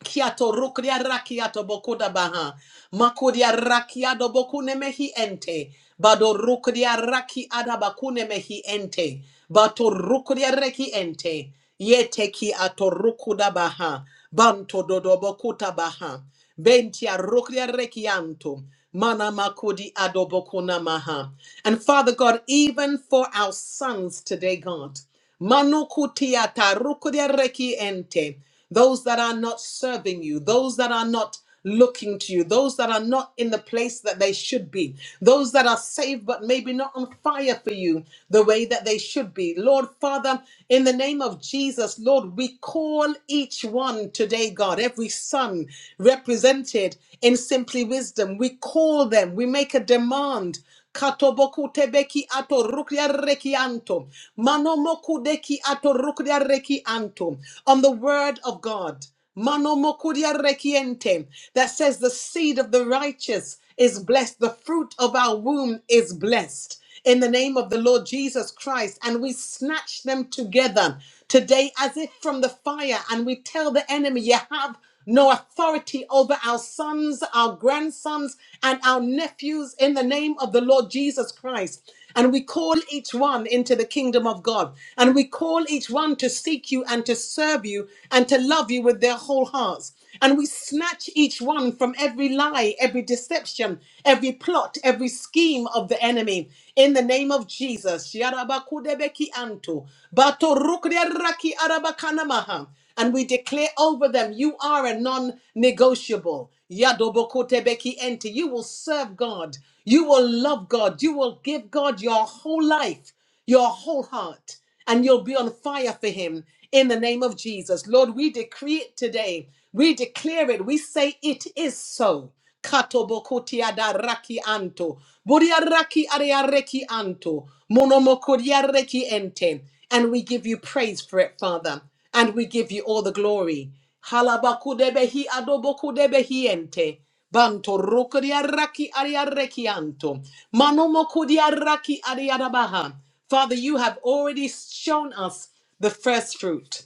[SPEAKER 5] Kiato rukria rakiato bokuda baha. Makuria rakiado bokune mehi ente. Bado rukria raki adabakune mehi ente. Bato rukria reki ente. Yete ki ato rukuda baha. Banto dodo bokuta baha. Bentia rukria rekianto. Mana makudi adobokuna maha. And Father God, even for our sons today, God. Manukutiata rukudereki ente. Those that are not serving you, those that are not looking to you, those that are not in the place that they should be, those that are saved but maybe not on fire for you the way that they should be. Lord Father, in the name of Jesus, Lord, we call each one today, God, every son represented in Simply Wisdom, we call them, we make a demand. Katoboku tebeki ato rukria rekianto. Manomoku deki ato rukria rekianto. On the word of God. Manomokuria rekiente. That says the seed of the righteous is blessed. The fruit of our womb is blessed. In the name of the Lord Jesus Christ. And we snatch them together today as if from the fire, and we tell the enemy, You have no authority over our sons, our grandsons, and our nephews in the name of the Lord Jesus Christ. And we call each one into the kingdom of God. And we call each one to seek you and to serve you and to love you with their whole hearts. And we snatch each one from every lie, every deception, every plot, every scheme of the enemy. In the name of Jesus. Yarabakudebeki anto, batorukderaki arabakanamaha. And we declare over them, you are a non negotiable. Yadobokotebeki ente. You will serve God. You will love God. You will give God your whole life your whole heart, and you'll be on fire for Him in the name of Jesus. Lord, we decree it today. We declare it. We say it is so. Katobokotia da raki anto. Buria raki aria reki anto. Monomokoria reki ente. And we give you praise for it, Father. And we give you all the glory. Halabakudebehi adobokudebehi ente. Banto roko di araki ari arekianto. Manomo kodi araki ari arabaha. Father, you have already shown us the first fruit.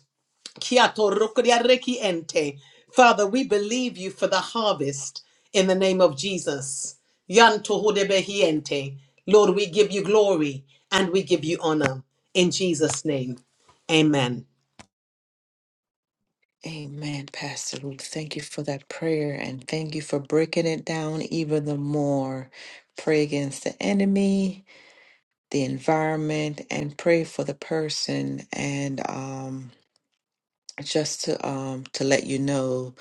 [SPEAKER 5] Kiato roko di areki ente. Father, we believe you for the harvest in the name of Jesus. Yanto hodebehi ente. Lord, we give you glory and we give you honor. In Jesus' name, amen.
[SPEAKER 1] Amen, Pastor Ruth. Thank you for that prayer and thank you for breaking it down even the more. Pray against the enemy, the environment, and pray for the person and um just to um to let you know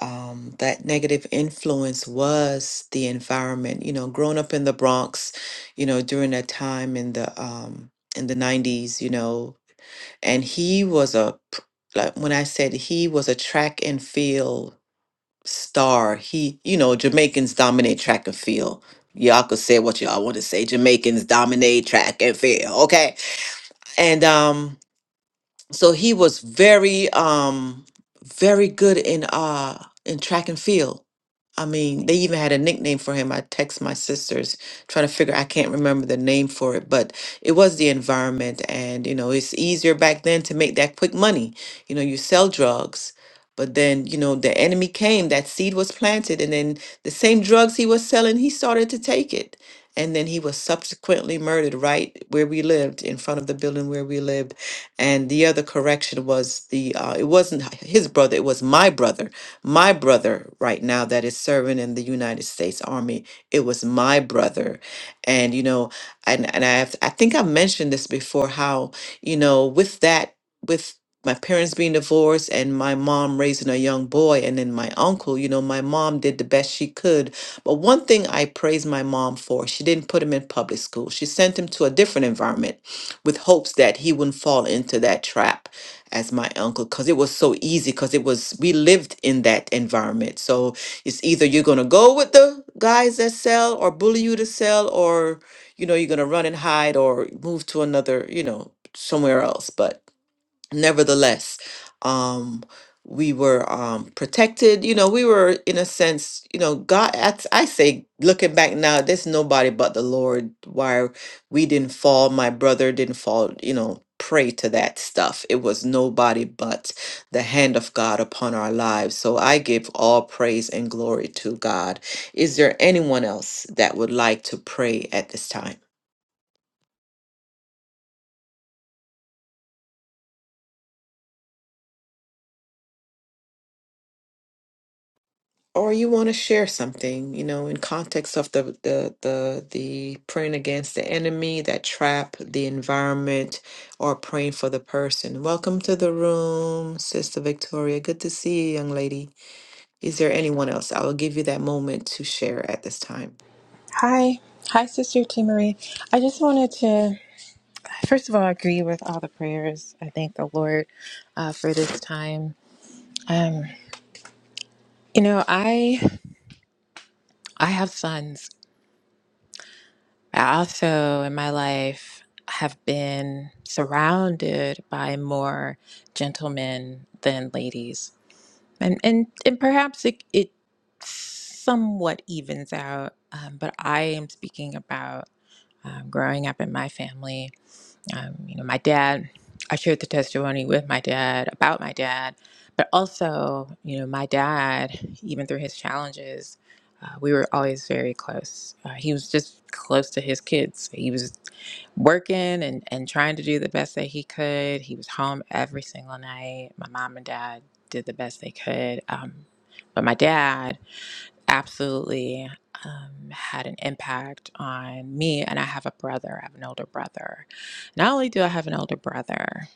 [SPEAKER 1] um that negative influence was the environment you know growing up in the Bronx you know during that time in the um in the 90s you know and he was a pr- like when I said he was a track and field star he you know Jamaicans dominate track and field y'all could say what y'all want to say Jamaicans dominate track and field okay and um so he was very um very good in uh in track and field i mean they even had a nickname for him i text my sisters trying to figure i can't remember the name for it but it was the environment and you know it's easier back then to make that quick money you know you sell drugs but then you know the enemy came that seed was planted and then the same drugs he was selling he started to take it and then he was subsequently murdered right where we lived in front of the building where we lived and the other correction was the uh, it wasn't h- his brother, it was my brother. My brother right now that is serving in the United States Army. It was my brother. And you know, and and I have, I think I mentioned this before how, you know, with that with my parents being divorced and my mom raising a young boy and then my uncle, you know, my mom did the best she could. But one thing I praise my mom for, she didn't put him in public school. She sent him to a different environment with hopes that he wouldn't fall into that trap as my uncle because it was so easy because it was we lived in that environment so it's either you're going to go with the guys that sell or bully you to sell or you know you're going to run and hide or move to another you know somewhere else but nevertheless, um, we were um, protected. You know, we were in a sense. You know, God. I, I say, looking back now, there's nobody but the Lord. Why we didn't fall, my brother didn't fall. You know, prey to that stuff. It was nobody but the hand of God upon our lives. So I give all praise and glory to God. Is there anyone else that would like to pray at this time? or you want to share something, you know, in context of the the the the praying against the enemy, that trap, the environment, or praying for the person. Welcome to the room, Sister Victoria. Good to see you, young lady. Is there anyone else? I will give you that moment to share at this time.
[SPEAKER 6] Hi. Hi, Sister T. Marie. I just wanted to, first of all, agree with all the prayers. I thank the Lord uh, for this time. Um, you know, I I have sons. I also, in my life, have been surrounded by more gentlemen than ladies, and and and perhaps it it somewhat evens out. Um, but I am speaking about um, growing up in my family um, you know, my dad, I shared the testimony with my dad about my dad, but also, you know, my dad, even through his challenges, uh, we were always very close. Uh, he was just close to his kids. He was working and, and trying to do the best that he could. He was home every single night. My mom and dad did the best they could. Um, but my dad, absolutely um, had an impact on me. And I have a brother, I have an older brother. Not only do I have an older brother,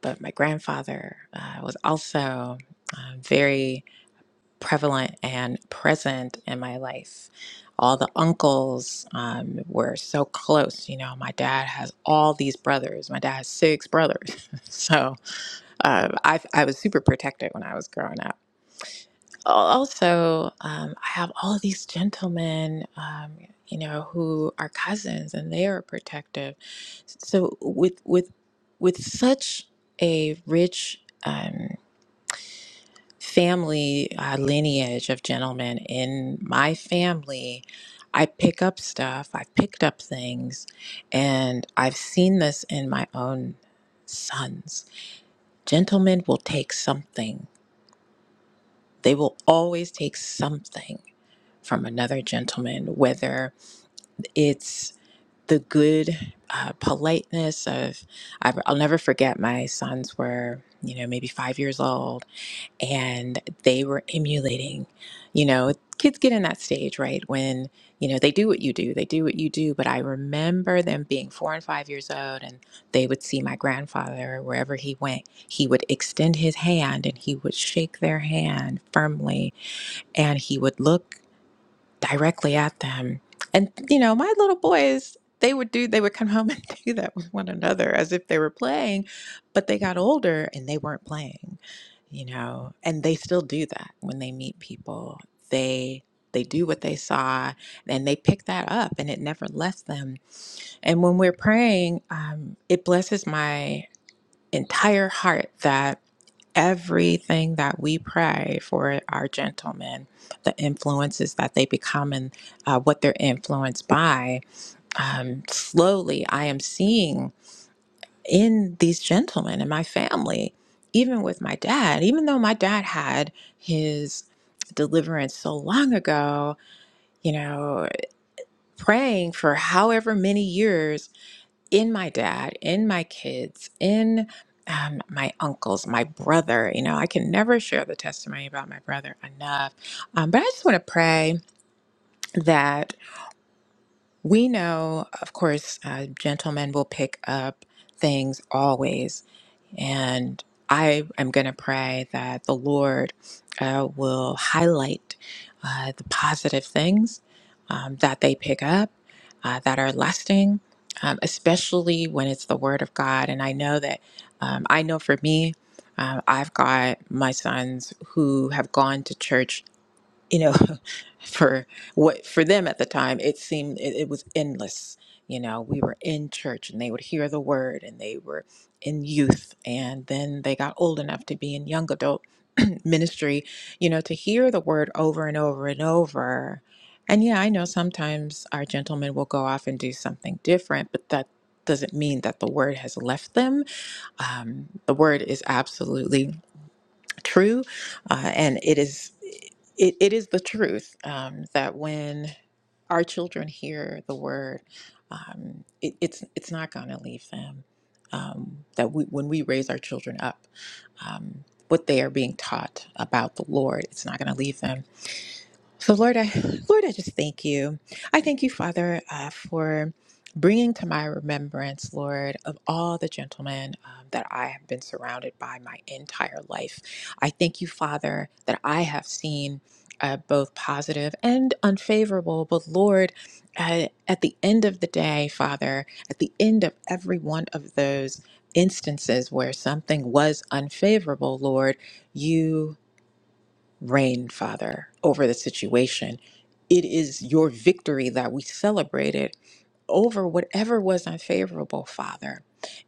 [SPEAKER 6] but my grandfather uh, was also uh, very prevalent and present in my life. All the uncles um, were so close. You know, my dad has all these brothers. My dad has six brothers. *laughs* so uh, I, I was super protected when I was growing up. al- also um, i have all these gentlemen um, you know who are cousins and they are protective so with with with such a rich um, family uh, lineage of gentlemen in my family i pick up stuff i've picked up things and i've seen this in my own sons gentlemen will take something they will always take something from another gentleman, whether it's the good uh, politeness of, I, I'll never forget my sons were, you know, maybe five years old and they were emulating, you know, kids get in that stage, right? When, you know, they do what you do, they do what you do. But I remember them being four and five years old and they would see my grandfather wherever he went. He would extend his hand and he would shake their hand firmly and he would look directly at them. And you know, my little boys, they would do they would come home *laughs* and do that with one another as if they were playing, but they got older and they weren't playing, you know. And they still do that when they meet people. They they do what they saw and they pick that up and it never left them. And when we're praying, um, it blesses my entire heart that everything that we pray for our gentlemen, the influences that they become and uh, what they're influenced by, um, slowly I am seeing in these gentlemen in my family, even with my dad, even though my dad had his deliverance so long ago, you know, praying for however many years in my dad, in my kids, in um, my uncles, my brother. You know, I can never share the testimony about my brother enough. Um, but I just want to pray that we know, of course, uh, gentlemen will pick up things always. And I am going to pray that the Lord uh, will highlight uh, the positive things um, that they pick up uh, that are lasting, um, especially when it's the Word of God. And I know that, um, I know for me, um, I've got my sons who have gone to church you know *laughs* for what for them at the time it seemed it, it was endless you know we were in church and they would hear the word and they were in youth and then they got old enough to be in young adult *clears throat* ministry you know to hear the word over and over and over and yeah i know sometimes our gentlemen will go off and do something different but that doesn't mean that the word has left them um, the word is absolutely true, uh, and it is it, it is the truth um, that when our children hear the word, um, it, it's it's not going to leave them. Um, that we, when we raise our children up, um, what they are being taught about the Lord, it's not going to leave them so, Lord, I, *sighs* Lord, I just thank you. I thank you, Father, uh, for bringing to my remembrance, Lord, of all the gentlemen um, that I have been surrounded by my entire life. I thank you, Father, that I have seen uh, both positive and unfavorable, but Lord, uh, at the end of the day, Father, at the end of every one of those instances where something was unfavorable, Lord, you reign, Father, over the situation. It is your victory that we celebrated over whatever was unfavorable, Father.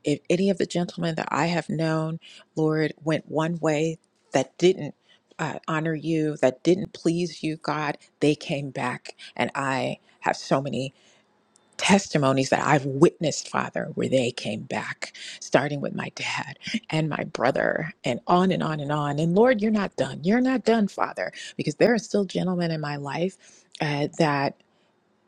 [SPEAKER 6] If any of the gentlemen that I have known, Lord, went one way that didn't uh, honor you, that didn't please you, God, they came back. And I have so many testimonies that I've witnessed, Father, where they came back, starting with my dad and my brother, and on and on and on. And Lord, you're not done. You're not done, Father, because there are still gentlemen in my life uh, that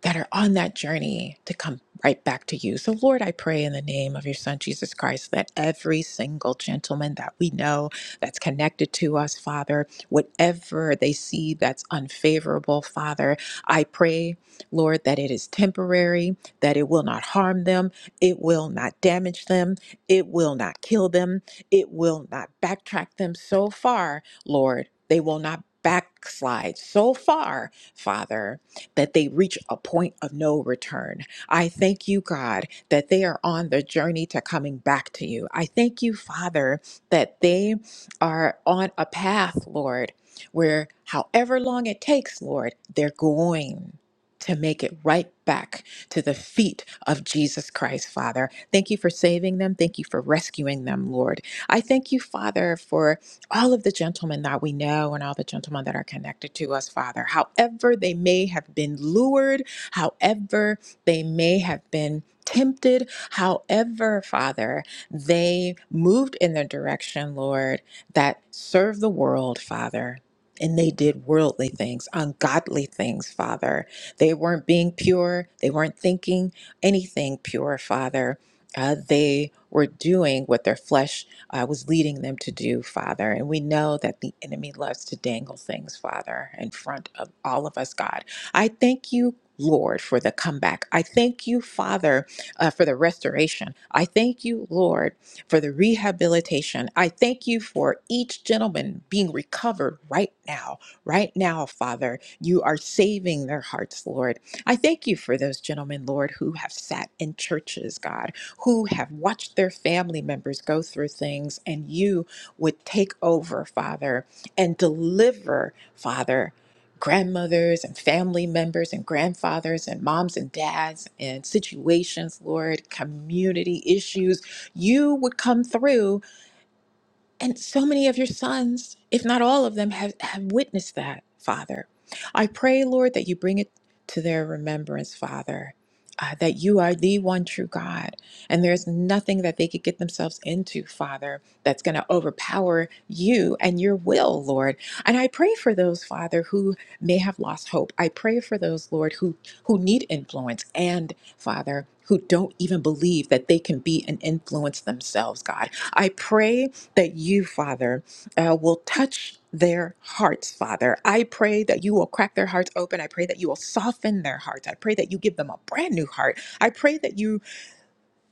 [SPEAKER 6] that are on that journey to come right back to you. So, Lord, I pray in the name of your Son, Jesus Christ, that every single gentleman that we know that's connected to us, Father, whatever they see that's unfavorable, Father, I pray, Lord, that it is temporary, that it will not harm them, it will not damage them, it will not kill them, it will not backtrack them so far, Lord, they will not backslide so far, Father that they reach a point of no return. I thank you, God, that they are on the journey to coming back to you. I thank you, Father, that they are on a path, Lord, where however long it takes, Lord, they're going to make it right back to the feet of Jesus Christ, Father. Thank you for saving them. Thank you for rescuing them, Lord. I thank you, Father, for all of the gentlemen that we know and all the gentlemen that are connected to us, Father, however they may have been lured, however they may have been tempted, however, Father, they moved in the direction, Lord, that served the world, Father. And they did worldly things, ungodly things, Father. They weren't being pure. They weren't thinking anything pure, Father. Uh, they were doing what their flesh uh, was leading them to do, Father. And we know that the enemy loves to dangle things, Father, in front of all of us, God. I thank you. Lord, for the comeback. I thank you, Father, uh, for the restoration. I thank you, Lord, for the rehabilitation. I thank you for each gentleman being recovered right now. Right now, Father, you are saving their hearts, Lord. I thank you for those gentlemen, Lord, who have sat in churches, God who have watched their family members go through things, and you would take over, Father, and deliver, Father, grandmothers and family members and grandfathers and moms and dads and situations, Lord, community issues. You would come through and so many of your sons, if not all of them, have, have witnessed that, Father. I pray, Lord, that you bring it to their remembrance, Father, uh, that you are the one true God. And there's nothing that they could get themselves into, Father, that's going to overpower you and your will, Lord. And I pray for those, Father, who may have lost hope. I pray for those, Lord, who, who need influence and, Father, who don't even believe that they can be an influence themselves, God. I pray that you, Father, uh, will touch their hearts, Father. I pray that you will crack their hearts open. I pray that you will soften their hearts. I pray that you give them a brand new heart. I pray that you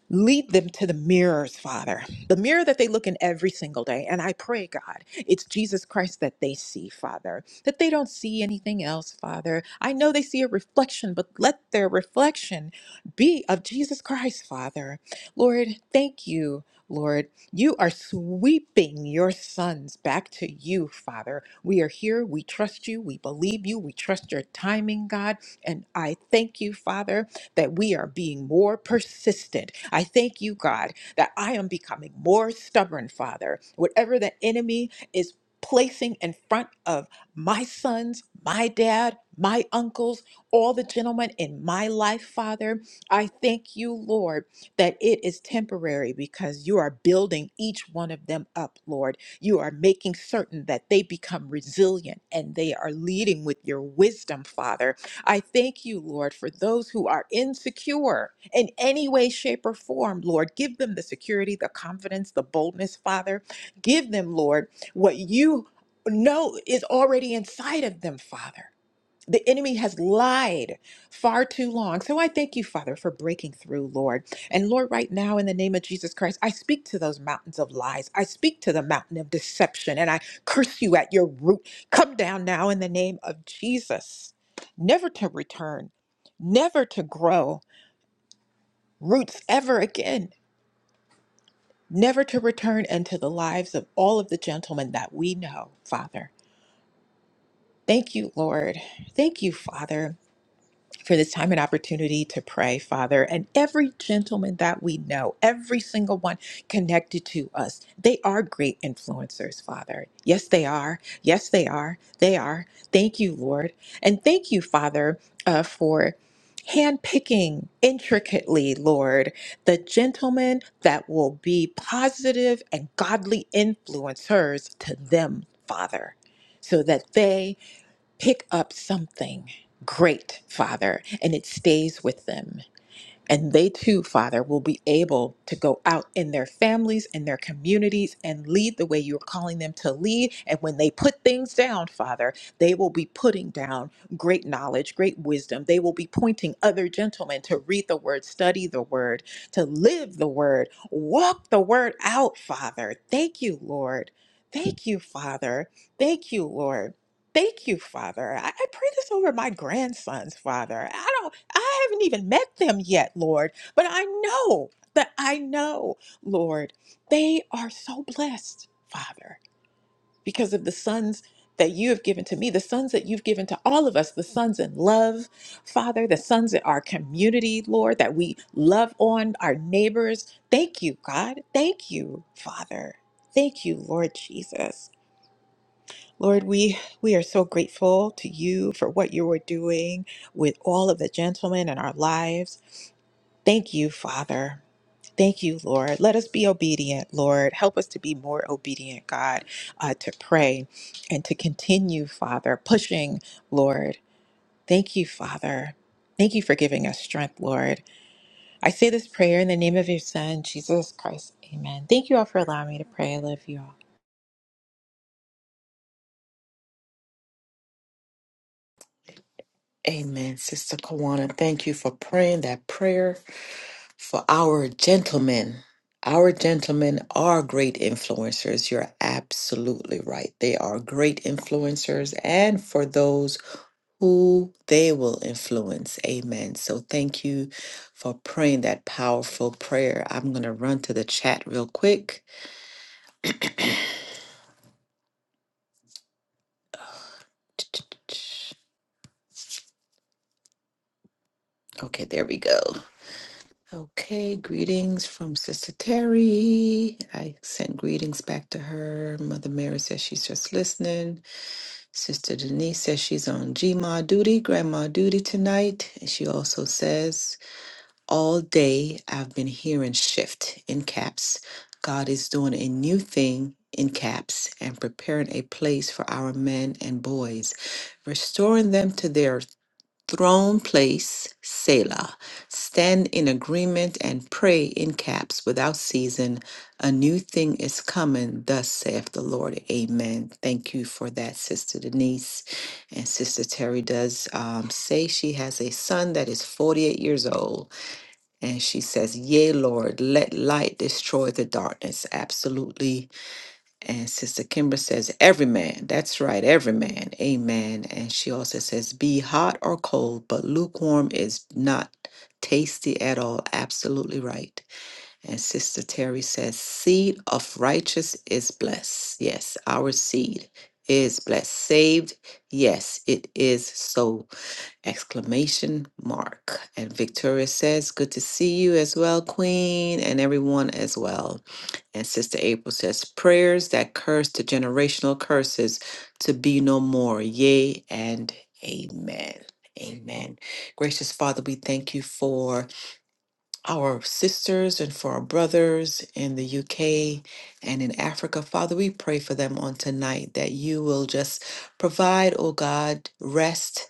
[SPEAKER 6] Lead them to the mirrors, Father, the mirror that they look in every single day. And I pray, God, it's Jesus Christ that they see, Father, that they don't see anything else, Father. I know they see a reflection, but let their reflection be of Jesus Christ, Father. Lord, thank you, Lord. You are sweeping your sons back to you, Father. We are here. We trust you. We believe you. We trust your timing, God. And I thank you, Father that we are being more persistent. I thank you, God, that I am becoming more stubborn, Father. Whatever the enemy is placing in front of my sons, my dad, my uncles, all the gentlemen in my life, Father, I thank you, Lord, that it is temporary because you are building each one of them up, Lord. You are making certain that they become resilient and they are leading with your wisdom, Father I thank you, Lord, for those who are insecure in any way, shape, or form. Lord, give them the security, the confidence, the boldness, Father. Give them, Lord, what you know is already inside of them, Father. The enemy has lied far too long. So I thank you, Father, for breaking through, Lord. And Lord, right now, in the name of Jesus Christ, I speak to those mountains of lies. I speak to the mountain of deception, and I curse you at your root. Come down now in the name of Jesus, never to return, never to grow roots ever again, never to return into the lives of all of the gentlemen that we know, Father. Thank you, Lord. Thank you, Father. for this time and opportunity to pray, Father. And every gentleman that we know, every single one connected to us, they are great influencers, Father. Yes, they are. Yes, they are. They are. Thank you, Lord. And thank you, Father, uh, for. Handpicking intricately, Lord, the gentlemen that will be positive and godly influencers to them, Father, so that they pick up something great, Father, and it stays with them. And they too, Father, will be able to go out in their families and their communities and lead the way you're calling them to lead. And when they put things down, Father, they will be putting down great knowledge, great wisdom. They will be pointing other gentlemen to read the word, study the word, to live the word, walk the word out, Father. Thank you, Lord. Thank you, Father. Thank you, Lord. Thank you, Father. I, I pray this over my grandsons, Father. I don't I haven't even met them yet, Lord, but I know that I know, Lord, they are so blessed, Father, because of the sons that you have given to me, the sons that you've given to all of us, the sons in love, Father, the sons in our community, Lord, that we love on our neighbors. Thank you, God. Thank you, Father. Thank you, Lord Jesus. Lord, we, we are so grateful to you for what you are doing with all of the gentlemen in our lives. Thank you, Father. Thank you, Lord. Let us be obedient, Lord. Help us to be more obedient, God, uh, to pray and to continue, Father, pushing, Lord. Thank you, Father. Thank you for giving us strength, Lord. I say this prayer in the name of your Son, Jesus Christ. Amen. Thank you all for allowing me to pray. I love you all.
[SPEAKER 1] Amen, Sister Kawana. Thank you for praying that prayer for our gentlemen. Our gentlemen are great influencers. You're absolutely right. They are great influencers and for those who they will influence. Amen. So thank you for praying that powerful prayer. I'm going to run to the chat real quick. *tsk* Okay, there we go. Okay, greetings from Sister Terry. I sent greetings back to her. Mother Mary says she's just listening. Sister Denise says she's on GMA duty, grandma duty tonight. And she also says, All day I've been hearing shift in caps. God is doing a new thing in caps and preparing a place for our men and boys, restoring them to their throne place, Selah. Stand in agreement and pray in caps without season. A new thing is coming, thus saith the Lord. Amen. Thank you for that, Sister Denise. And Sister Terry does um, say she has a son that is 48 years old. And she says, Yea, Lord, let light destroy the darkness. Absolutely and Sister Kimber says, every man. That's right, every man. Amen. And she also says, be hot or cold, but lukewarm is not tasty at all. Absolutely right. And Sister Terry says, seed of righteous is blessed. Yes, our seed is blessed. Saved. Yes, it is so. Exclamation mark. And Victoria says, good to see you as well, Queen, and everyone as well. And Sister April says, Prayers that curse the generational curses to be no more. Yea and amen. Amen. Gracious Father, we thank you for our sisters and for our brothers in the UK and in Africa. Father, we pray for them on tonight that you will just provide, oh God, rest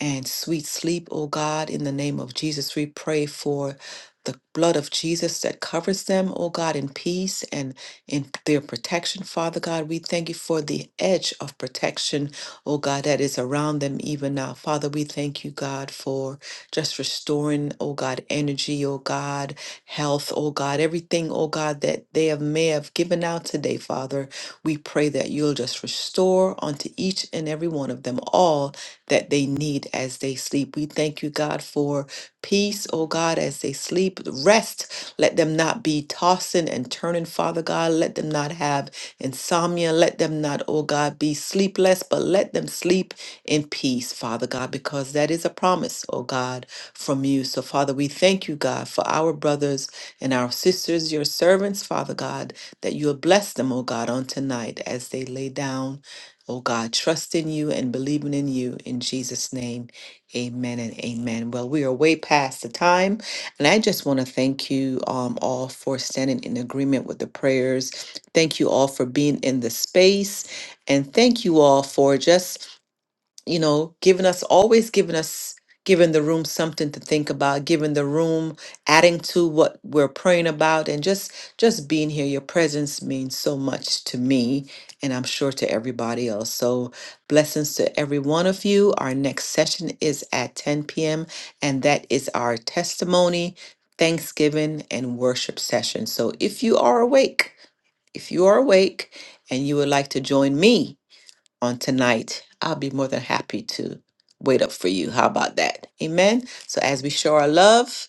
[SPEAKER 1] and sweet sleep, oh God. In the name of Jesus, we pray for the blood of Jesus that covers them, oh God, in peace and in their protection, Father God. We thank you for the edge of protection, oh God, that is around them even now. Father, we thank you, God, for just restoring, oh God, energy, oh God, health, oh God, everything, oh God, that they have may have given out today, Father. We pray that you'll just restore unto each and every one of them all that they need as they sleep. We thank you, God, for Peace, O God, as they sleep. Rest. Let them not be tossing and turning, Father God. Let them not have insomnia. Let them not, O God, be sleepless, but let them sleep in peace, Father God, because that is a promise, O God, from you. So, Father, we thank you, God, for our brothers and our sisters, your servants, Father God, that you will bless them, O God, on tonight as they lay down, O God, trusting you and believing in you. In Jesus' name. Amen and amen. Well, we are way past the time, and I just want to thank you um, all for standing in agreement with the prayers. Thank you all for being in the space, and thank you all for just you know, giving us, always giving us, giving the room something to think about, giving the room, adding to what we're praying about, and just, just being here. Your presence means so much to me, and I'm sure to everybody else. So, blessings to every one of you. Our next session is at 10 p.m., and that is our testimony, Thanksgiving, and worship session. So, if you are awake, if you are awake and you would like to join me, on tonight, I'll be more than happy to wait up for you. How about that? Amen. So, as we show our love,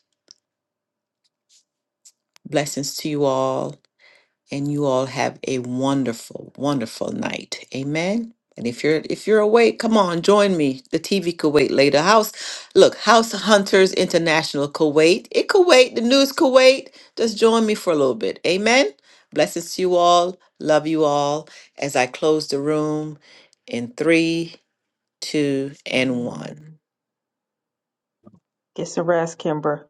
[SPEAKER 1] blessings to you all, and you all have a wonderful, wonderful night. Amen. And if you're if you're awake, come on, join me. The TV could wait later house. Look, House Hunters International Kuwait. It Kuwait, the news Kuwait. Just join me for a little bit. Amen. Blessings to you all. Love you all. As I close the room in three, 2, and 1.
[SPEAKER 3] Amen. Get some rest, Kimber.